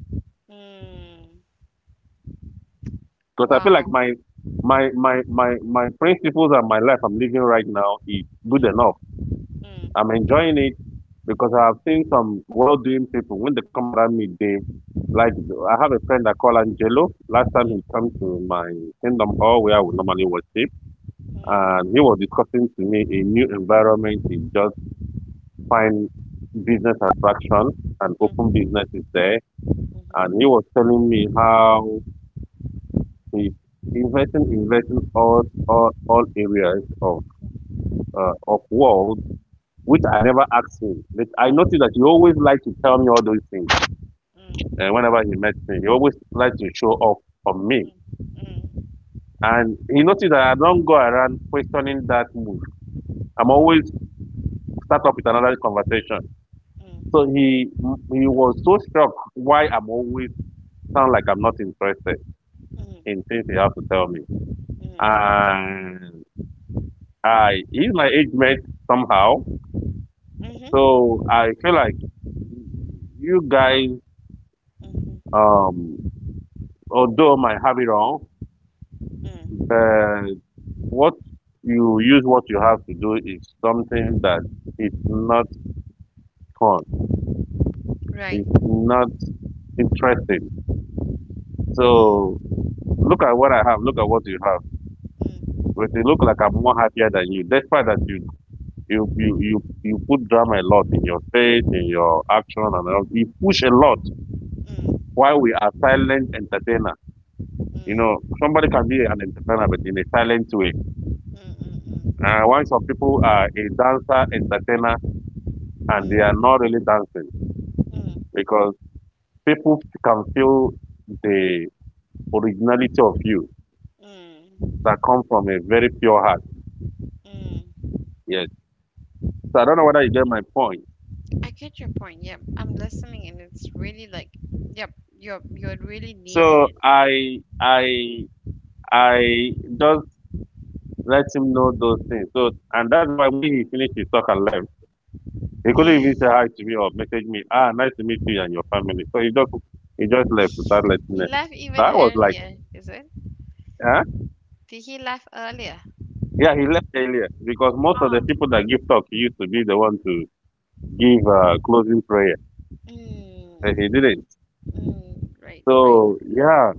Speaker 1: mm.
Speaker 2: Because I feel like
Speaker 1: Wow.
Speaker 2: my principles and my life I'm living right now is good enough.
Speaker 1: Mm, mm.
Speaker 2: I'm enjoying it because I have seen some well-doing people when they come around me. They like I have a friend I call Angelo. Last time he
Speaker 1: Mm,
Speaker 2: came to my kingdom hall where we normally worship, and he was discussing to me a new environment. He just find business attraction and open
Speaker 1: mm,
Speaker 2: businesses there,
Speaker 1: mhm,
Speaker 2: and he was telling me how He invest all areas of world which I never asked him. But I
Speaker 1: mhm,
Speaker 2: noticed that he
Speaker 1: mm,
Speaker 2: always liked to tell me all those things. And
Speaker 1: mm,
Speaker 2: whenever he met me, he always liked to show off on me.
Speaker 1: mm,
Speaker 2: And he noticed that I don't go around questioning that move. I'm
Speaker 1: mm,
Speaker 2: always
Speaker 1: mm,
Speaker 2: start up with another conversation.
Speaker 1: mm,
Speaker 2: So
Speaker 1: mm,
Speaker 2: he was so struck why I'm always sound like I'm not interested in things he has to tell me. And I he's my age mate somehow.
Speaker 1: mm, mhm,
Speaker 2: So I feel like you guys,
Speaker 1: mhm,
Speaker 2: um, although might have it wrong,
Speaker 1: mm.
Speaker 2: but what you use what you have to do is something that is not fun. It's
Speaker 1: Right.
Speaker 2: not interesting. So
Speaker 1: Mm,
Speaker 2: look at what I have. Look at what you have.
Speaker 1: mm, mm,
Speaker 2: But it look like I'm more happier than you, despite that you put drama a lot in your face, in your action,
Speaker 1: mm,
Speaker 2: and all. You push a lot
Speaker 1: mm,
Speaker 2: while we are silent entertainers.
Speaker 1: mm,
Speaker 2: You know,
Speaker 1: mm,
Speaker 2: somebody can be an entertainer, but in a silent way.
Speaker 1: mm, mm, mm, mm.
Speaker 2: Why some people are a dancer, entertainer, and they are not really dancing because people can feel the originality of you that comes from a very pure heart. Yes. So I don't know whether you get my point.
Speaker 1: I get your point. Yep, I'm listening, and it's really like, yep, you're really
Speaker 2: So
Speaker 1: nailing it.
Speaker 2: I just let him know those things. So, and that's why when he finished his talk and left. He couldn't even
Speaker 1: Yay.
Speaker 2: say hi to me or message me. Ah, nice to meet you and your family. So he just left without letting me.
Speaker 1: He left
Speaker 2: So I
Speaker 1: even
Speaker 2: was like,
Speaker 1: earlier, is it?
Speaker 2: huh?
Speaker 1: Did he laugh earlier?
Speaker 2: Yeah, he left earlier because most of the
Speaker 1: Oh.
Speaker 2: people that give talk used to be the one to give closing prayer, and he
Speaker 1: Mm,
Speaker 2: didn't.
Speaker 1: mm, right, right.
Speaker 2: So
Speaker 1: Right.
Speaker 2: yeah,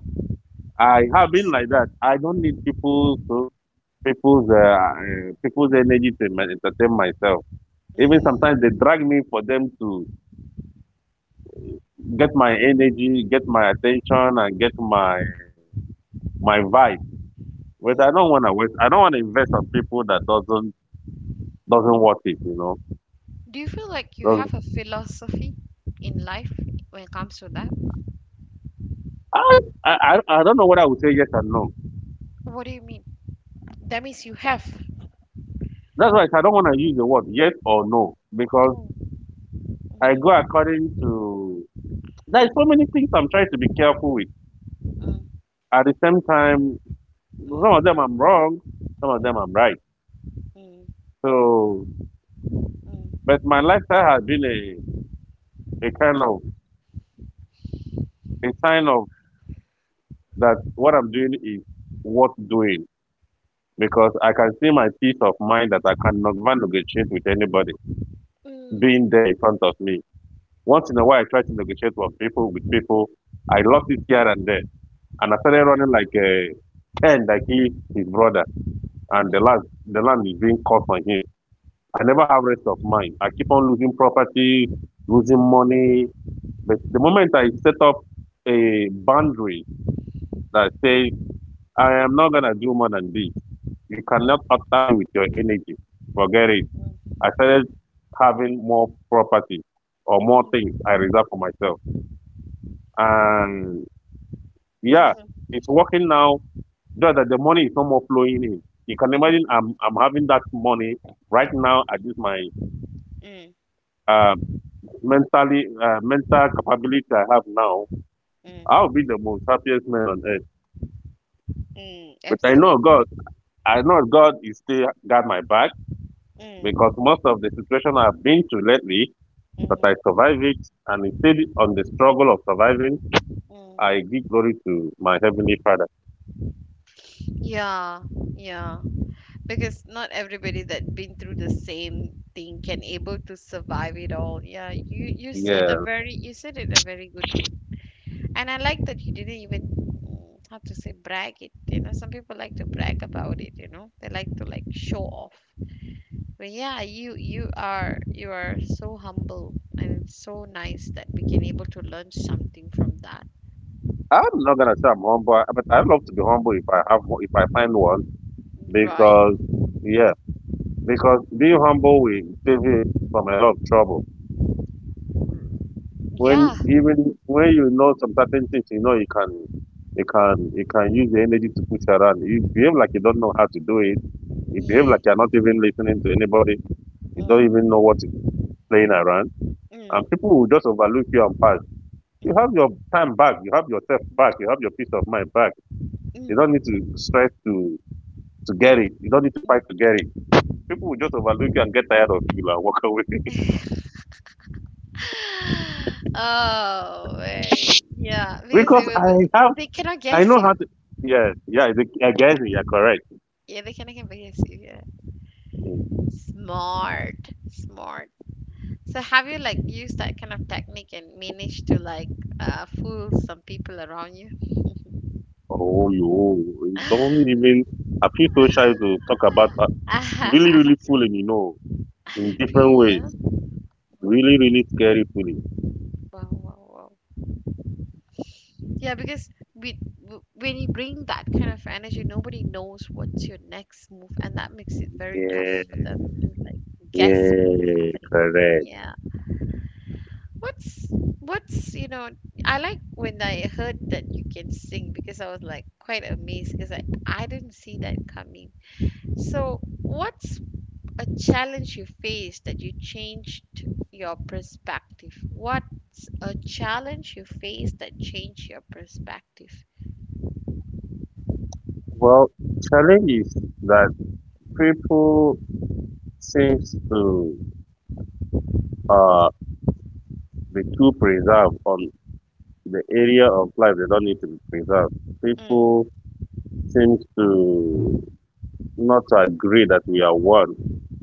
Speaker 2: I have been
Speaker 1: Just
Speaker 2: like that. I don't need people's energy to entertain myself. Even sometimes they
Speaker 1: mm,
Speaker 2: drag me for them to get my energy, get my attention, and get my my vibe. But I don't
Speaker 1: mm.
Speaker 2: want to waste. I don't want to invest on people that doesn't worth it. You know,
Speaker 1: Do you feel like you
Speaker 2: doesn't,
Speaker 1: have a philosophy in life when it comes to that?
Speaker 2: I, I don't know whether I would say yes or no.
Speaker 1: What do you mean? That means you have.
Speaker 2: That's why I said I don't want to use the word yes or no because
Speaker 1: Oh,
Speaker 2: I go
Speaker 1: mhm,
Speaker 2: according to. There's so many things
Speaker 1: mm,
Speaker 2: I'm trying to be careful with.
Speaker 1: mhm,
Speaker 2: At the same time, some of them
Speaker 1: mhm,
Speaker 2: I'm wrong, some of them I'm right.
Speaker 1: mm, mm, mm,
Speaker 2: So, but my lifestyle has been a kind of a sign of that what I'm doing is worth doing because I can see my peace of mind that I cannot negotiate with anybody.
Speaker 1: mm, mm, mm,
Speaker 2: Being
Speaker 1: mhm,
Speaker 2: there in front of me. Once in a while, I try to negotiate with people, with people. I lost it here and there, and I started running like a Ken, like he, his brother, and the land is being cut on him. I never have rest of mind. I keep on losing property, losing money. But the moment I set up a boundary that says I am not gonna do more than this, you cannot alter me with your energy. Forget it. I started having more property or more things I reserve for myself. And yeah,
Speaker 1: mm,
Speaker 2: it's working now. Just that the money is no more flowing in. You can imagine
Speaker 1: mm,
Speaker 2: I'm having that money right now at this my um mentally mental capability I have now. I'll
Speaker 1: mm,
Speaker 2: be the most happiest man on earth.
Speaker 1: mm.
Speaker 2: But
Speaker 1: Absolutely.
Speaker 2: I know God is still got my back because
Speaker 1: Mm,
Speaker 2: most of the situation I've been to lately that I
Speaker 1: mhm,
Speaker 2: survive it and instead on the struggle of surviving,
Speaker 1: mm.
Speaker 2: I give glory to my heavenly father.
Speaker 1: Yeah, yeah. Because not everybody that been through the same thing can able to survive it all. Yeah, you you said a
Speaker 2: Yeah.
Speaker 1: very you said it a very good way. And I like that you didn't even, how to say, brag it. Some people like to brag about it. They like to like show off. But yeah, you are so humble. And it's so nice that we can able to learn something from that.
Speaker 2: I'm not gonna say I'm humble, but I love to be humble if I have if I find one
Speaker 1: Right.
Speaker 2: because yeah, because being humble will save you from a lot of trouble. When
Speaker 1: Yeah,
Speaker 2: even when you know some certain things, you know you can you can use the energy to push around. You behave like you don't know how to do it. You behave like
Speaker 1: yeah.
Speaker 2: you're not even listening to anybody. You don't
Speaker 1: Mm,
Speaker 2: even know what is playing around, and people
Speaker 1: mm,
Speaker 2: will just overlook you and pass. You have
Speaker 1: mm,
Speaker 2: your time back. You have yourself back. You have your peace of mind back. You don't
Speaker 1: mm,
Speaker 2: need to stress to get it.
Speaker 1: mhm,
Speaker 2: You don't need to fight to get it. People will just overlook you and get tired of you and walk away.
Speaker 1: mm. Oh man, yeah, because
Speaker 2: because
Speaker 1: it will
Speaker 2: I
Speaker 1: be,
Speaker 2: have,
Speaker 1: they cannot
Speaker 2: I know
Speaker 1: guess
Speaker 2: how
Speaker 1: you.
Speaker 2: to. Yes, yeah, I guess you're correct.
Speaker 1: Yeah, they cannot can guess you. Yeah,
Speaker 2: Mm.
Speaker 1: smart, smart. So have you like used that kind of technique and managed to like fool some people around you?
Speaker 2: Oh, you don't even. I feel so shy to talk about really, really fooling, you know, in different
Speaker 1: Really?
Speaker 2: ways.
Speaker 1: Yeah. Wow,
Speaker 2: Really, really scary fooling.
Speaker 1: wow, wow, wow. Yeah, because when you bring that kind of energy, nobody knows what's your next move, and that makes it very tough
Speaker 2: Yeah,
Speaker 1: for them to like guess what's
Speaker 2: yeah,
Speaker 1: happening.
Speaker 2: correct.
Speaker 1: Yeah. What's what's I like when I heard that you can sing because I was like quite amazed because I didn't see that coming. So what's a challenge you faced that you changed your perspective? What's a challenge you faced that changed your perspective?
Speaker 2: Well, challenge is that people seems to uh, be too preserved on the area of life they don't need to be preserved.
Speaker 1: Mm,
Speaker 2: People seem to not agree that we are one.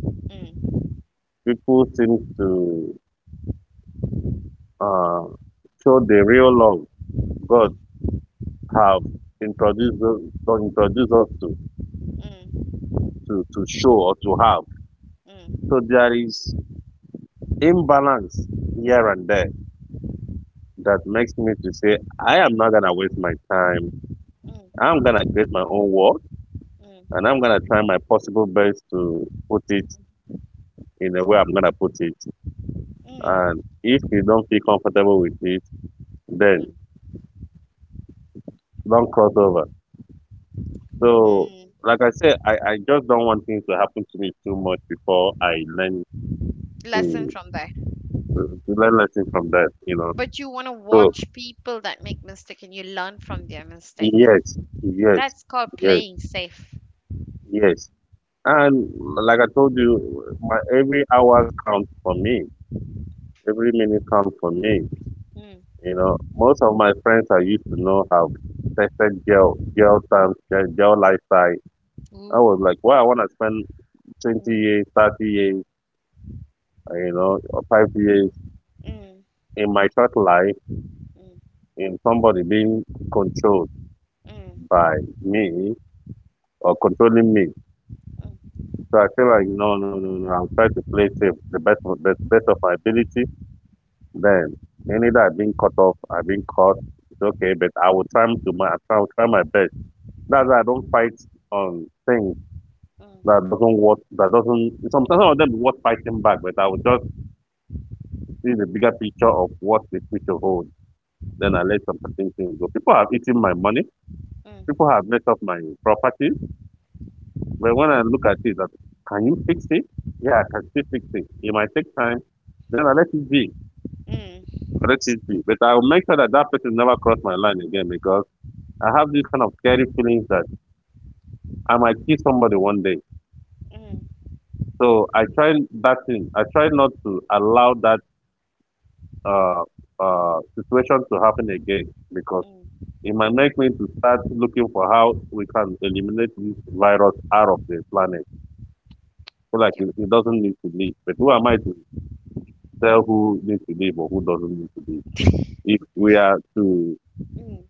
Speaker 1: mm,
Speaker 2: People seem to uh, show the real love God
Speaker 1: mm,
Speaker 2: have introduced us, God introduced us to,
Speaker 1: mm, mm,
Speaker 2: to show or to have. So
Speaker 1: mm,
Speaker 2: there is imbalance here and there that makes me to say, I am not gonna waste my time. I'm gonna create my own world
Speaker 1: mm,
Speaker 2: and I'm gonna try my possible best to put it in the way I'm gonna put it.
Speaker 1: mm,
Speaker 2: And if you don't feel comfortable with it, then
Speaker 1: mm,
Speaker 2: don't cross over. So,
Speaker 1: mm.
Speaker 2: like I said, I just don't want things to happen to me too much before I learn
Speaker 1: Lesson
Speaker 2: to,
Speaker 1: from there.
Speaker 2: to learn lessons from that, you know.
Speaker 1: But you want to
Speaker 2: So,
Speaker 1: watch people that make mistake and you learn from their mistake.
Speaker 2: yes, yes,
Speaker 1: That's called
Speaker 2: yes,
Speaker 1: playing safe.
Speaker 2: yes. And like I told you, my every hours count for me. Every minute counts for me.
Speaker 1: Mm.
Speaker 2: You know, most of my friends I used to know have perfect girl, girl time, girl girl lifestyle. I
Speaker 1: Ooh.
Speaker 2: was like, well, I want to spend 20
Speaker 1: Mm.
Speaker 2: years, 30 years, you know, or 5 years
Speaker 1: Mm.
Speaker 2: in my short life
Speaker 1: Mm.
Speaker 2: in somebody being controlled
Speaker 1: Mm.
Speaker 2: by me or controlling me.
Speaker 1: Mm.
Speaker 2: So I feel like, no, no, no, no, I'm trying to play safe the best, best, best of my ability. Then, any that I've been caught, it's okay, but I will try I will try my best. That's why I don't fight on things
Speaker 1: Mm.
Speaker 2: that doesn't worth, that doesn't, sometimes some of them is worth fighting back, but I will just see the bigger picture of what the future holds. Then I let some certain things go. People have eaten my money. People have messed up my property. But when I look at it, that can you fix it? Yeah, I can still fix it. It might take time. Then I let it be.
Speaker 1: Mm. Mm.
Speaker 2: I let it be. But I will make sure that that person never cross my line again because I have this kind of scary feelings that I might kill somebody one day.
Speaker 1: Mm.
Speaker 2: So I try that thing. I try not to allow that uh, situation to happen again because
Speaker 1: Mm.
Speaker 2: it might make me to start looking for how we can eliminate this virus out of the planet. So like
Speaker 1: Yep.
Speaker 2: he doesn't need to leave. But who am I to tell who needs to leave or who doesn't need to leave? If we are to
Speaker 1: Mm.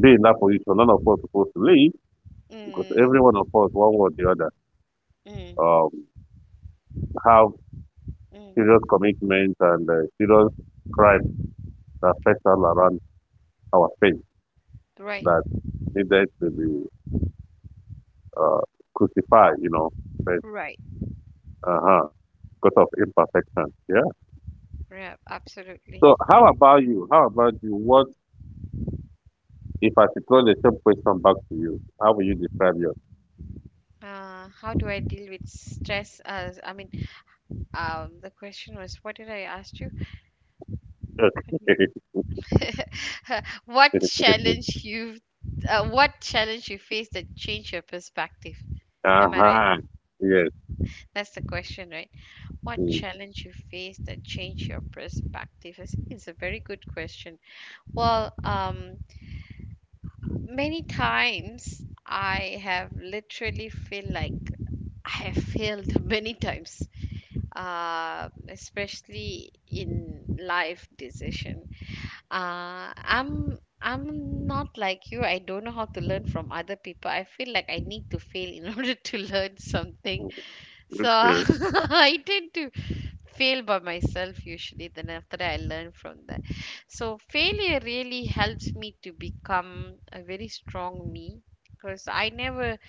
Speaker 2: be in that position, none of us supposed to leave because every
Speaker 1: Mm.
Speaker 2: one of us, one way or the other,
Speaker 1: Mm.
Speaker 2: um, have
Speaker 1: Mm.
Speaker 2: serious commitments and serious crimes that pestle around our faith
Speaker 1: Right.
Speaker 2: that needed to be uh, crucified, you know, but
Speaker 1: Right.
Speaker 2: uh-huh, because of imperfection. Yeah.
Speaker 1: Yeah. Absolutely.
Speaker 2: So how about you? How about you? What if I should throw the same question back to you? How will you describe
Speaker 1: How do I deal with stress? As I mean, the question was, what did I ask you?
Speaker 2: yours?
Speaker 1: How do you do? What challenge you? What challenge you face that changed your perspective? Am I right?
Speaker 2: Uh-huh. Yes.
Speaker 1: That's the question, right? What
Speaker 2: Mm.
Speaker 1: challenge you faced that changed your perspective is a very good question. Well, many times I have literally feel like I have failed many times, especially in life decision. I'm not like you. I don't know how to learn from other people. I feel like I need to fail in order to learn something. So
Speaker 2: Okay.
Speaker 1: I tend to fail by myself, usually then after that I learn from that. So failure really helps me to become a very strong me because I never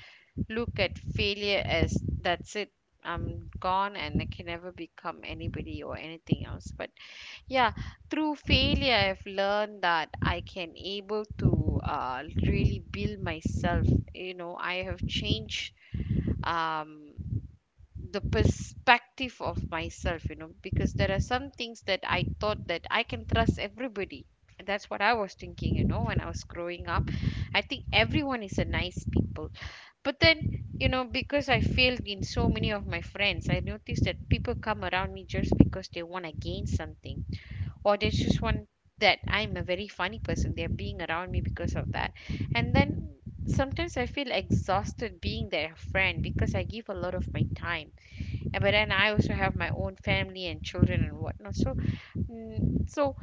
Speaker 1: look at failure as that's it, I'm gone and I can never become anybody or anything else. But yeah, through failure I've learned that I can able to really build myself. I have changed, um the perspective of myself, because there are some things that I thought that I can trust everybody. And that's what I was thinking, when I was growing up. I think everyone is a nice people. But then, because I failed in so many of my friends, I noticed that people come around me just because they want to gain something, or they just want that I'm a very funny person, they're being around me because of that. And then sometimes I feel exhausted being their friend because I give a lot of my time, but then I also have my own family and children and whatnot. So, so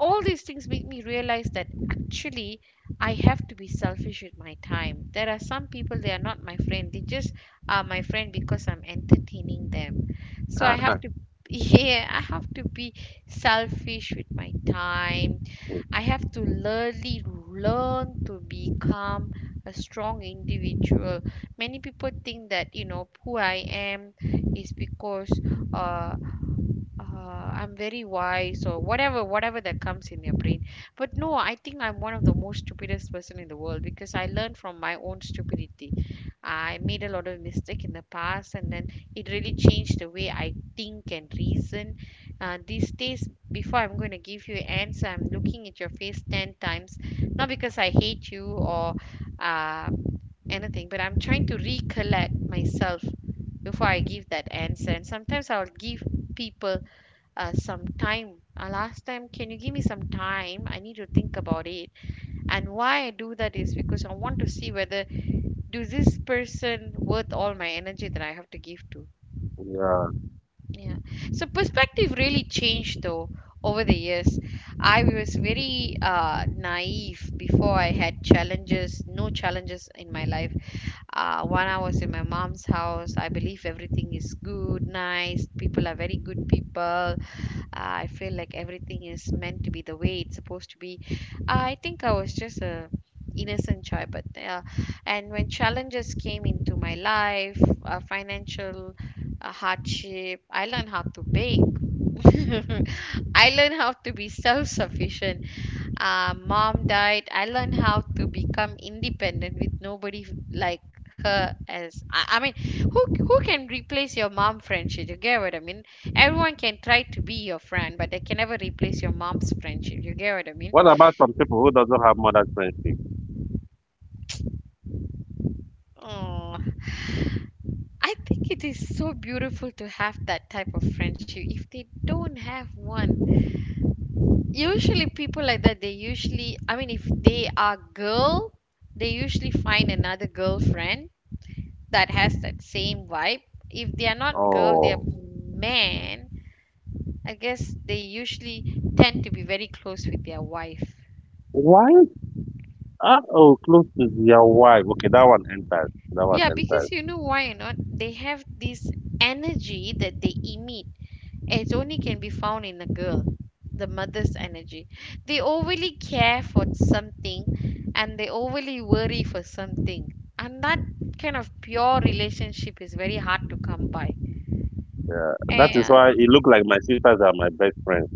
Speaker 1: all these things make me realize that actually I have to be selfish with my time. There are some people they are not my friend. They just are my friend because I'm entertaining them. So I
Speaker 2: Uh-huh.
Speaker 1: have to, yeah, I have to be selfish with my time. I have to learly learn to become a strong individual. Many people think that you know who I am is because uh I'm very wise or whatever that comes in your brain. But no, I think I'm one of the most stupidest person in the world because I learned from my own stupidity. I made a lot of mistake in the past, and then it really changed the way I think and reason. These days before I'm going to give you answer, I'm looking at your face 10 times not because I hate you or uh, anything, but I'm trying to recollect myself before I give that answer. And sometimes I'll give people some time. Last time, can you give me some time? I need to think about it. And why I do that is because I want to see whether do this person worth all my energy that I have to give to.
Speaker 2: Yeah.
Speaker 1: Yeah. So perspective really changed though over the years. I was very naive before I had challenges, no challenges in my life. When I was in my mom's house, I believe everything is good, nice. People are very good people, I feel like everything is meant to be the way it's supposed to be. I think I was just a innocent child, but and when challenges came into my life, financial hardship, I learned how to bake. I learned how to be self sufficient, mom died, I learned how to become independent with nobody like her as I mean, who can replace your mom friendship, you get what I mean? Everyone can try to be your friend, but they can never replace your mom's friendship, you get what I mean?
Speaker 2: What about some people who doesn't have mother's friendship?
Speaker 1: Oh, I think it is so beautiful to have that type of friendship. If they don't have one, usually people like that, they usually, I mean, if they are girl, they usually find another girlfriend that has that same vibe. If they are not girl, they are
Speaker 2: Oh.
Speaker 1: man. I guess they usually tend to be very close with their wife.
Speaker 2: Why?
Speaker 1: Be-
Speaker 2: Oh, close to your wife. Okay, that one enters. That one
Speaker 1: yeah,
Speaker 2: enters.
Speaker 1: because you know why or not? They have this energy that they emit. It only can be found in a girl, the mother's energy. They overly care for something and they overly worry for something. And that kind of pure relationship is very hard to come by.
Speaker 2: Yeah. That is
Speaker 1: Eh,
Speaker 2: why it look like my sisters are my best friends.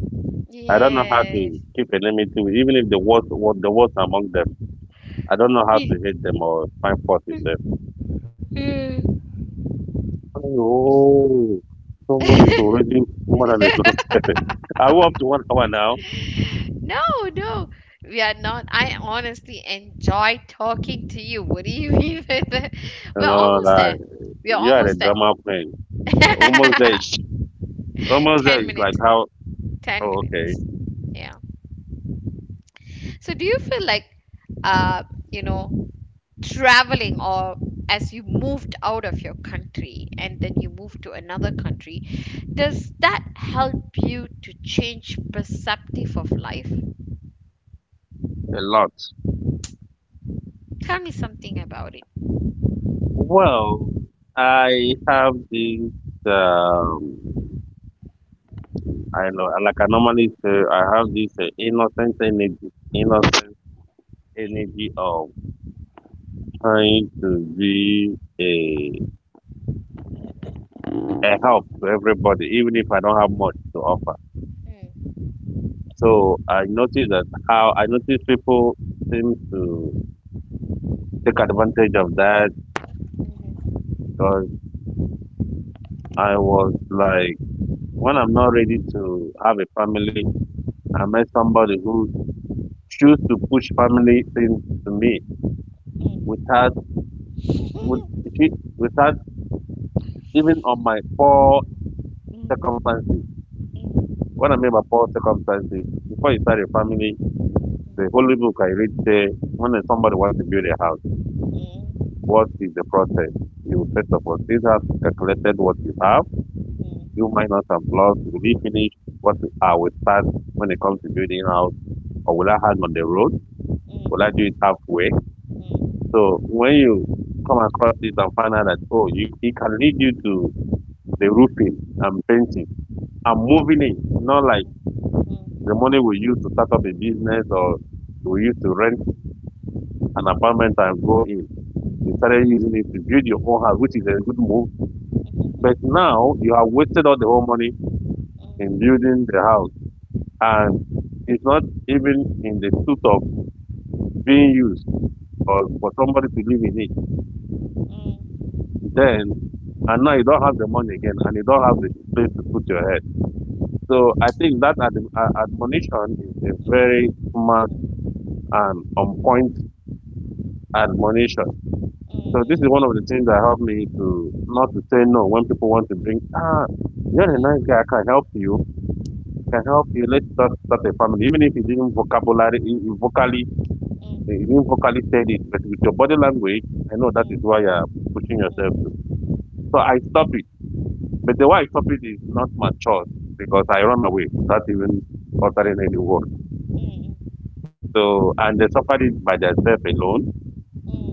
Speaker 2: I don't know how
Speaker 1: yeah.
Speaker 2: to keep enemy to even if the worst what the worst among them. I don't know how
Speaker 1: Yes.
Speaker 2: to hate them or find fault in them.
Speaker 1: Mm.
Speaker 2: Oh, somebody's already more than a Are we up to 1 hour now?
Speaker 1: No, no, we are not. I honestly enjoy talking to you. What do you mean by that? We're
Speaker 2: And all
Speaker 1: almost
Speaker 2: that.
Speaker 1: there. We are
Speaker 2: You had a
Speaker 1: almost there.
Speaker 2: drama queen. Almost there. Almost there
Speaker 1: 10
Speaker 2: is like
Speaker 1: minutes.
Speaker 2: how.
Speaker 1: 10
Speaker 2: Oh, okay.
Speaker 1: minutes. Yeah. So do you feel like, uh, you know, traveling or as you moved out of your country and then you moved to another country, does that help you to change perceptive of life?
Speaker 2: A lot.
Speaker 1: Tell me something about it.
Speaker 2: Well, I have this. Um, I know. Like I normally say, I have this innocent energy. Innocent energy of trying to be a help to everybody, even if I don't have much to offer.
Speaker 1: Mm,
Speaker 2: So I notice that how I notice people seem to take advantage of that
Speaker 1: mhm,
Speaker 2: because. I was like, when I'm not ready to have a family, I met somebody who choose to push family things to me without, with,
Speaker 1: mm.
Speaker 2: without even on my poor
Speaker 1: Mm,
Speaker 2: circumstances. When I mean by poor circumstances, before you start a family, the holy book I read say, when somebody wants to build a house, what is the process? You first of all sit down, calculated what you have, do minus and plus, you will finish what you are. We start when it comes to building house, or will I hang on the road? Will I do it halfway? So when you come across it and find out that, oh, you, it can lead you to the roofing and painting and moving in, not like the money we use to start up a business or we used to rent an apartment and go in. You started using it to build your own house, which is a good move. But now you have wasted all the whole money in building the house, and it's not even in the suit of being used or for somebody to live in it.
Speaker 1: mm, mm,
Speaker 2: Then and now you don't have the money again, and you don't have the place to put your head. So I think that admonition is a very smart
Speaker 1: mm,
Speaker 2: and on point admonition. So this is one of the
Speaker 1: mm,
Speaker 2: things that helped me to not to say no when people want to bring. Ah, you're a nice guy. I can help you. I can help you. Let's start a family, even if you didn't vocabulary, you vocally, you didn't vocally said it, but with your body language, I know that is why
Speaker 1: mm,
Speaker 2: you're pushing yourself to. So I stop it. But the wife topic is not my choice because I run away without even uttering any
Speaker 1: mm,
Speaker 2: word. So, and they suffered it by themselves alone,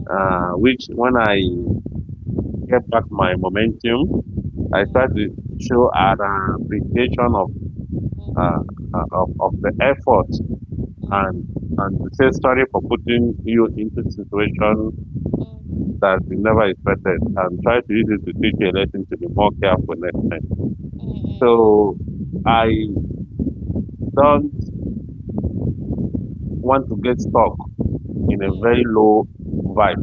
Speaker 2: which when I get back my momentum, I try to show an appreciation uh, of the effort and and to say sorry for putting you into situation
Speaker 1: mm, mm, mm, mm, mm, mm, mm, mm, mm, mm, mm, mm, mm,
Speaker 2: that you never expected and try to use it to teach you a lesson to be more careful next time. So
Speaker 1: mm,
Speaker 2: I don't want to get stuck in a
Speaker 1: mm,
Speaker 2: very low vibe.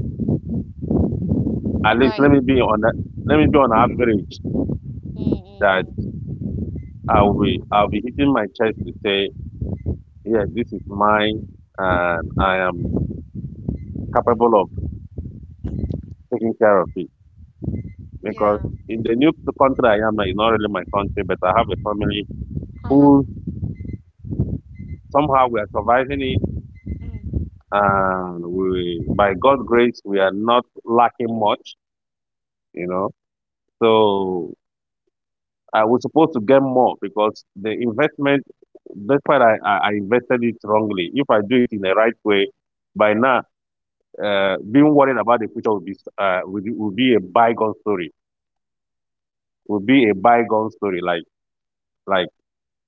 Speaker 1: mm,
Speaker 2: At least
Speaker 1: right.
Speaker 2: let me be on that. Let me be on average
Speaker 1: Mm, mm,
Speaker 2: that
Speaker 1: mm.
Speaker 2: I will be, I'll be hitting my chest to say, yeah, this is mine, and I am capable of taking care of it. Because
Speaker 1: Yeah.
Speaker 2: in the new country I am, now, it's not really my country, but I have a family
Speaker 1: Uh-huh.
Speaker 2: who somehow we are surviving it, and we, by God's grace, we are not lacking much, you know. So I was supposed to get more because the investment, despite I invested it wrongly, if I do it in the right way, by now, being worried about the future will be will be a bygone story. Will be a bygone story. Like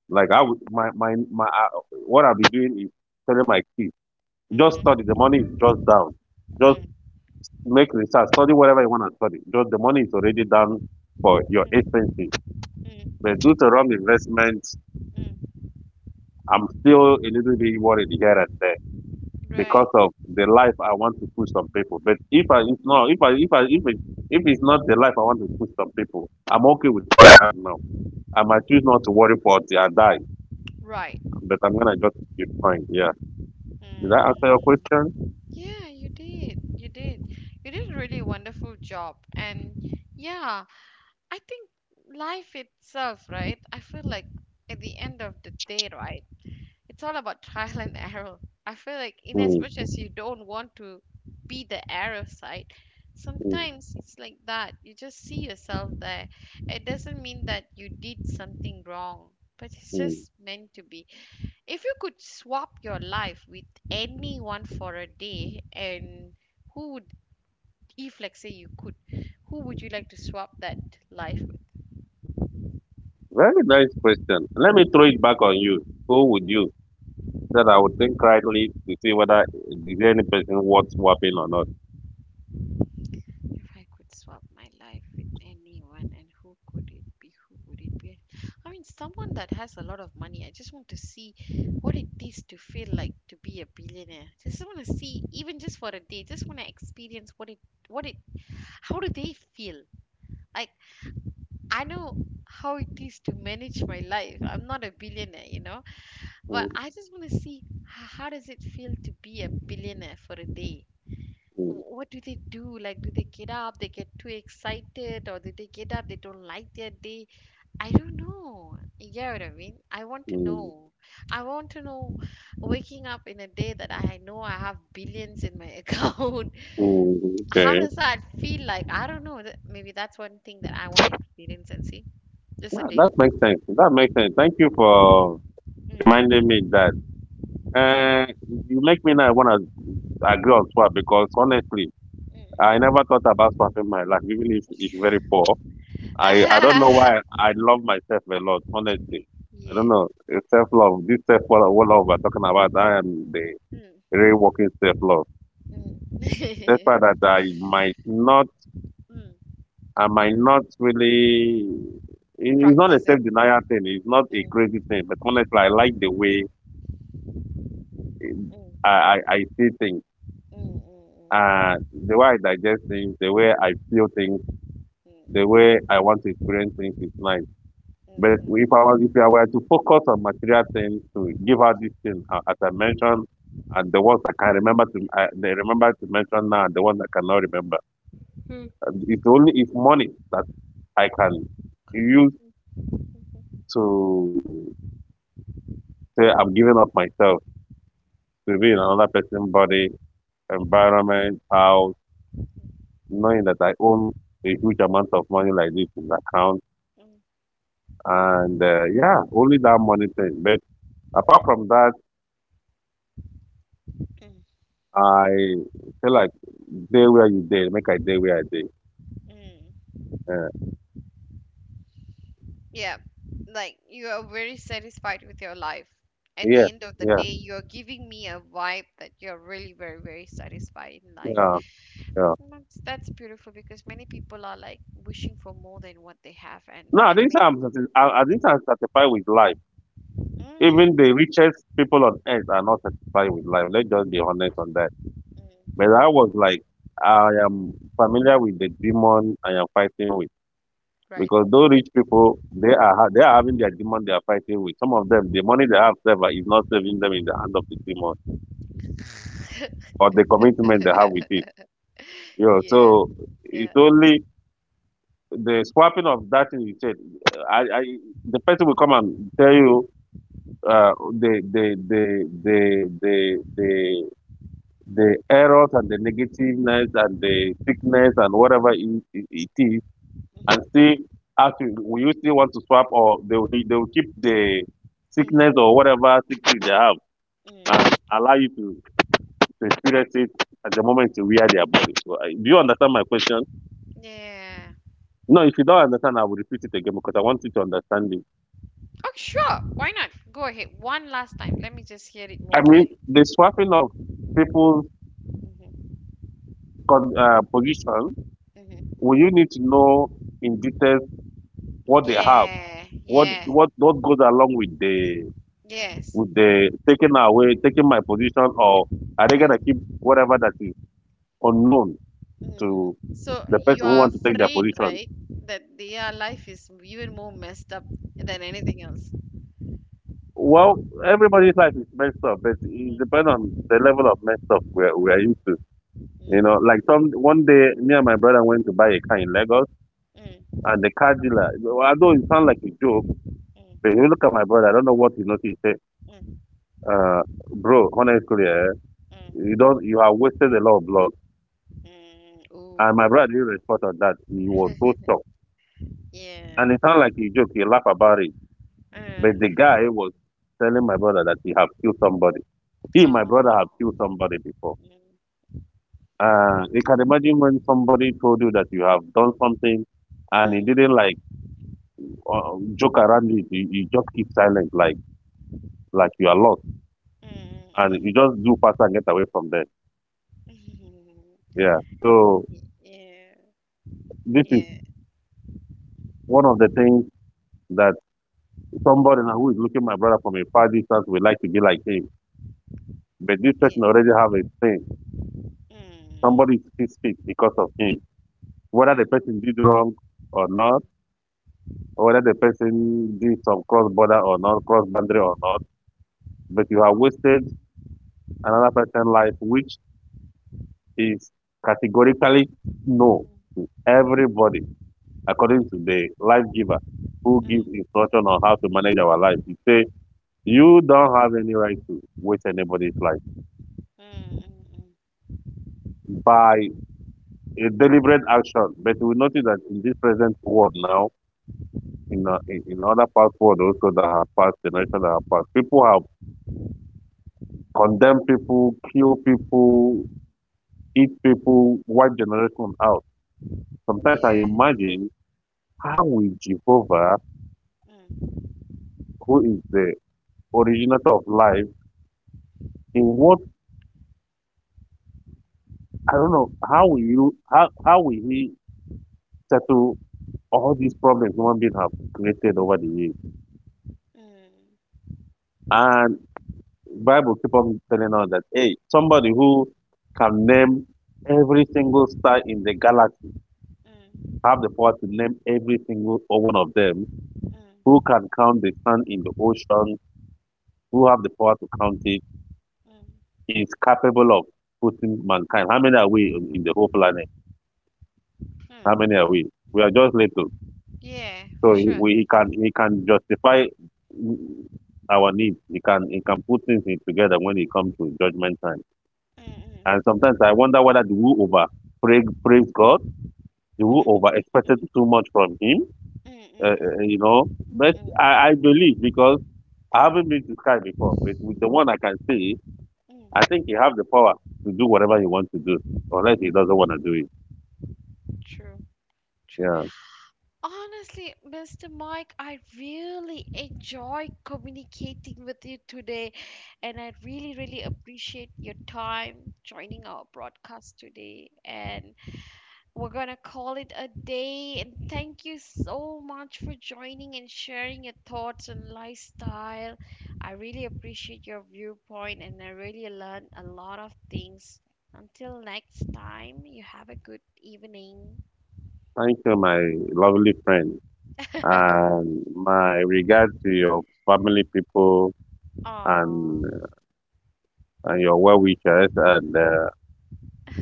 Speaker 2: like I would, my what I'll be doing is telling my kids just study. The money is just down. Just
Speaker 1: Hmm.
Speaker 2: make research. Study whatever you want to study. Just the money is already down for your expenses. But due to wrong investment I'm still a little bit worried here and there because
Speaker 1: Right.
Speaker 2: of the life I want to push some people. But if I if no if I if I if it, if it's not the life I want to push some people, I'm okay with what I have now. I might choose not to worry for till I die,
Speaker 1: Right.
Speaker 2: but I'm gonna just be fine. Yeah. Did that answer your
Speaker 1: Mm.
Speaker 2: question?
Speaker 1: Yeah, you did. You did. You did a really wonderful job. And yeah, I think life itself, right? I feel like at the end of the day, right? It's all about trial and error. I feel like in as
Speaker 2: Mm,
Speaker 1: much as you don't want to be the error side,
Speaker 2: mm,
Speaker 1: sometimes it's like that. You just see yourself there. It doesn't mean that you did something wrong, but it's
Speaker 2: mm.
Speaker 1: just meant to be. If you could swap your life with anyone for a day, and who would, if like say you could, who would you like to swap that life with?
Speaker 2: Very nice question. Let me throw it back on you. Who would
Speaker 1: Mm.
Speaker 2: you? So that I would think rightly to see whether is there any person worth swapping or not.
Speaker 1: If I could swap my life with anyone, and who could it be? Who would it be? I mean, someone that has a lot of money. I just want to see what it is to feel like to be a billionaire. Just want to see, even just for a day. Just want to experience what it, how do they feel? Like I know how it is to manage my life. I'm not a billionaire, you know, but
Speaker 2: Mm,
Speaker 1: I just want to see how does it feel to be a billionaire for a day?
Speaker 2: mm,
Speaker 1: What do they do? Like, do they get up? They get too excited, or do they get up? They don't like their day. I don't know. You get what I mean? I want to
Speaker 2: mm,
Speaker 1: know. I want to know waking up in a day that I know I have billions in my account.
Speaker 2: mm.
Speaker 1: How
Speaker 2: Okay.
Speaker 1: does that feel like? I don't know. Maybe that's one thing that I want to experience and see. Just a
Speaker 2: Yeah, that
Speaker 1: day.
Speaker 2: makes sense. That makes sense. Thank you for reminding
Speaker 1: Mm,
Speaker 2: me that.
Speaker 1: mm,
Speaker 2: Uh, you make me now want to agree on swap because honestly, I
Speaker 1: mm.
Speaker 2: never thought about swapping my life, even if it's very poor. I don't know why I love myself a lot, honestly. I don't
Speaker 1: Yeah.
Speaker 2: know. Self love, this self love we're talking about, I
Speaker 1: Mm,
Speaker 2: am the
Speaker 1: mm,
Speaker 2: real working self love.
Speaker 1: mm.
Speaker 2: Despite that,
Speaker 1: Mm.
Speaker 2: I might not really. It's not a
Speaker 1: Practice
Speaker 2: self
Speaker 1: it.
Speaker 2: denial thing, it's not a
Speaker 1: Mm,
Speaker 2: crazy thing, but honestly, I like the
Speaker 1: mm,
Speaker 2: way
Speaker 1: mm,
Speaker 2: I see things,
Speaker 1: mm, mm, mm,
Speaker 2: the way I digest things, the way I feel things, the
Speaker 1: mm,
Speaker 2: way I want to experience things is mine. But
Speaker 1: mm,
Speaker 2: if I was, if I were to focus on material things to give out these things, as I mentioned, and the ones I can remember to, I they remember to mention now, and the ones I cannot remember. And it's only it's money that I can use to say I'm giving up myself to be in another person's body, environment, house knowing that I own a huge amount of money like this in the account.
Speaker 1: mm, mm, mm,
Speaker 2: And yeah, only that money thing. But apart from that, I feel like day where you day, make I day where I day.
Speaker 1: mm.
Speaker 2: Uh,
Speaker 1: Yeah. Like you are very satisfied with your life. At
Speaker 2: yeah,
Speaker 1: the end of the
Speaker 2: yeah,
Speaker 1: day, you're giving me a vibe that you're really very, very satisfied in life.
Speaker 2: yeah, yeah.
Speaker 1: And that's beautiful because many people are like wishing for more than what they have
Speaker 2: No, I
Speaker 1: and
Speaker 2: didn't say
Speaker 1: many,
Speaker 2: I didn't say I'm satisfied with life.
Speaker 1: mm,
Speaker 2: Even the richest people on earth are not satisfied with life. Let's just be honest on that.
Speaker 1: mm.
Speaker 2: But I was like, I am familiar with the demon I am fighting with.
Speaker 1: Right.
Speaker 2: Because those rich people, they are having their demon they are fighting with. Some of them, the money they have saved is not saving them in the hand of the demon or the commitment they have with it. You know,
Speaker 1: Yeah,
Speaker 2: so it's
Speaker 1: yeah.
Speaker 2: only the swapping of that thing you said. I the person will come and tell you uh, the, the errors and the negativeness and the sickness and whatever it is and
Speaker 1: Hmm,
Speaker 2: see, ask you, will you still want to swap or they will keep the sickness
Speaker 1: hmm,
Speaker 2: or whatever sickness they have
Speaker 1: mm,
Speaker 2: and allow you to experience it at the moment you
Speaker 1: mm.
Speaker 2: wear their body. So, do you understand my question?
Speaker 1: Yeah.
Speaker 2: No, if you don't understand, I will repeat it again because I want you to understand it.
Speaker 1: Oh, sure. Why not? Go ahead. One last time. Let me just hear it
Speaker 2: I
Speaker 1: more
Speaker 2: mean,
Speaker 1: clearly.
Speaker 2: the swapping of people's
Speaker 1: Mm-hmm.
Speaker 2: position,
Speaker 1: Mm-hmm.
Speaker 2: well, you need to know in detail what they have,
Speaker 1: Yeah, yeah,
Speaker 2: what goes along
Speaker 1: yes.
Speaker 2: with the taking away, taking my position, or are they gonna keep
Speaker 1: Mm,
Speaker 2: whatever that is unknown to
Speaker 1: mm. So
Speaker 2: the
Speaker 1: you
Speaker 2: person who
Speaker 1: are
Speaker 2: wants to take their
Speaker 1: afraid,
Speaker 2: position.
Speaker 1: right, that their life is even more messed up than anything else.
Speaker 2: Well, everybody's life is messed up, but it
Speaker 1: Mm,
Speaker 2: depends on the level of messed up we're used to. You know,
Speaker 1: mm,
Speaker 2: like some one day, me and my brother went to buy a car in Lagos,
Speaker 1: mm,
Speaker 2: and the car dealer, although it sounds like a joke, but
Speaker 1: mm,
Speaker 2: if you look at my brother, I don't know what he noticed. He said,
Speaker 1: mm,
Speaker 2: uh, bro, honestly, you
Speaker 1: mm,
Speaker 2: don't, you have wasted a lot of blood.
Speaker 1: mm.
Speaker 2: And my
Speaker 1: Ooh.
Speaker 2: brother didn't respond to that. He was so shocked.
Speaker 1: Yeah.
Speaker 2: And it sounded like a joke. He laughed about it. But
Speaker 1: Uh,
Speaker 2: the guy was telling my brother that he have killed somebody. He, my brother, have
Speaker 1: oh.
Speaker 2: killed somebody before.
Speaker 1: Mm.
Speaker 2: You can imagine when somebody told you that you have done something and he
Speaker 1: Mm.
Speaker 2: didn't like joke around it. You just keep silent, like you are lost, and you
Speaker 1: Mm.
Speaker 2: just do faster and get away from there.
Speaker 1: Mm. Mm.
Speaker 2: Yeah. So
Speaker 1: Yeah.
Speaker 2: this is
Speaker 1: Yeah.
Speaker 2: one of the things that somebody now who is looking my brother from a far distance would like to be like him, but this
Speaker 1: Yeah.
Speaker 2: person already have a thing.
Speaker 1: Mm.
Speaker 2: Somebody is sick because of him, whether the
Speaker 1: Mm.
Speaker 2: person did wrong or not whether the person did some cross border or not, cross boundary or not, but you have wasted another person's life, which is categorically no
Speaker 1: Mm.
Speaker 2: to everybody, according to the life giver who gives
Speaker 1: Mm.
Speaker 2: instruction on how to manage our life. He say you don't have any right to waste anybody's life
Speaker 1: Mm. Mm.
Speaker 2: by a deliberate action. But we notice that in this present world now, in other past world also that have passed, generations that have passed, people have condemned people, kill people, each people, white generation out. Sometimes I
Speaker 1: Yeah.
Speaker 2: imagine how will Jehovah,
Speaker 1: Mm.
Speaker 2: who is the originator of life, in what I don't know, how will he settle all these problems human beings have created over the years?
Speaker 1: Mm.
Speaker 2: And Bible keep on telling us that hey, somebody who can name every single star in the galaxy,
Speaker 1: Mm.
Speaker 2: have the power to name every single one of them,
Speaker 1: Mm.
Speaker 2: who can count the sand in the ocean, who have the power to count it
Speaker 1: Mm.
Speaker 2: is capable of putting mankind. How many are we in the whole planet? How
Speaker 1: Mm.
Speaker 2: many are we? We are just little.
Speaker 1: Yeah, for
Speaker 2: So
Speaker 1: sure.
Speaker 2: he can justify our needs. He can put things in together when it comes to judgment time.
Speaker 1: Mm. Mm.
Speaker 2: And sometimes I wonder whether the who over praise, praise God, the who over expected too much from him.
Speaker 1: Mm. Mm. Mm.
Speaker 2: You know, but
Speaker 1: Mm. Mm.
Speaker 2: I believe because I haven't been to sky before, but with the one I can see, I
Speaker 1: Mm.
Speaker 2: think he have the power to do whatever he wants to do, unless he doesn't
Speaker 1: Mm.
Speaker 2: want to do it.
Speaker 1: True. True.
Speaker 2: Yeah.
Speaker 1: Honestly, Mr. Mike, I really enjoy communicating with you today, and I really, really appreciate your time joining our broadcast today. And we're gonna call it a day. And thank you so much for joining and sharing your thoughts and lifestyle. I really appreciate your viewpoint, and I really learned a lot of things. Until next time, you have a good evening.
Speaker 2: Thank you, my lovely friend, and my regard to your family, people,
Speaker 1: Aww.
Speaker 2: and and your well wishers. And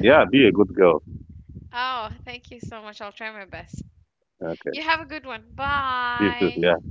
Speaker 2: yeah, be a good girl.
Speaker 1: Oh, thank you so much. I'll try my best.
Speaker 2: Okay,
Speaker 1: You have a good one.
Speaker 2: you too.
Speaker 1: Bye.
Speaker 2: Yeah.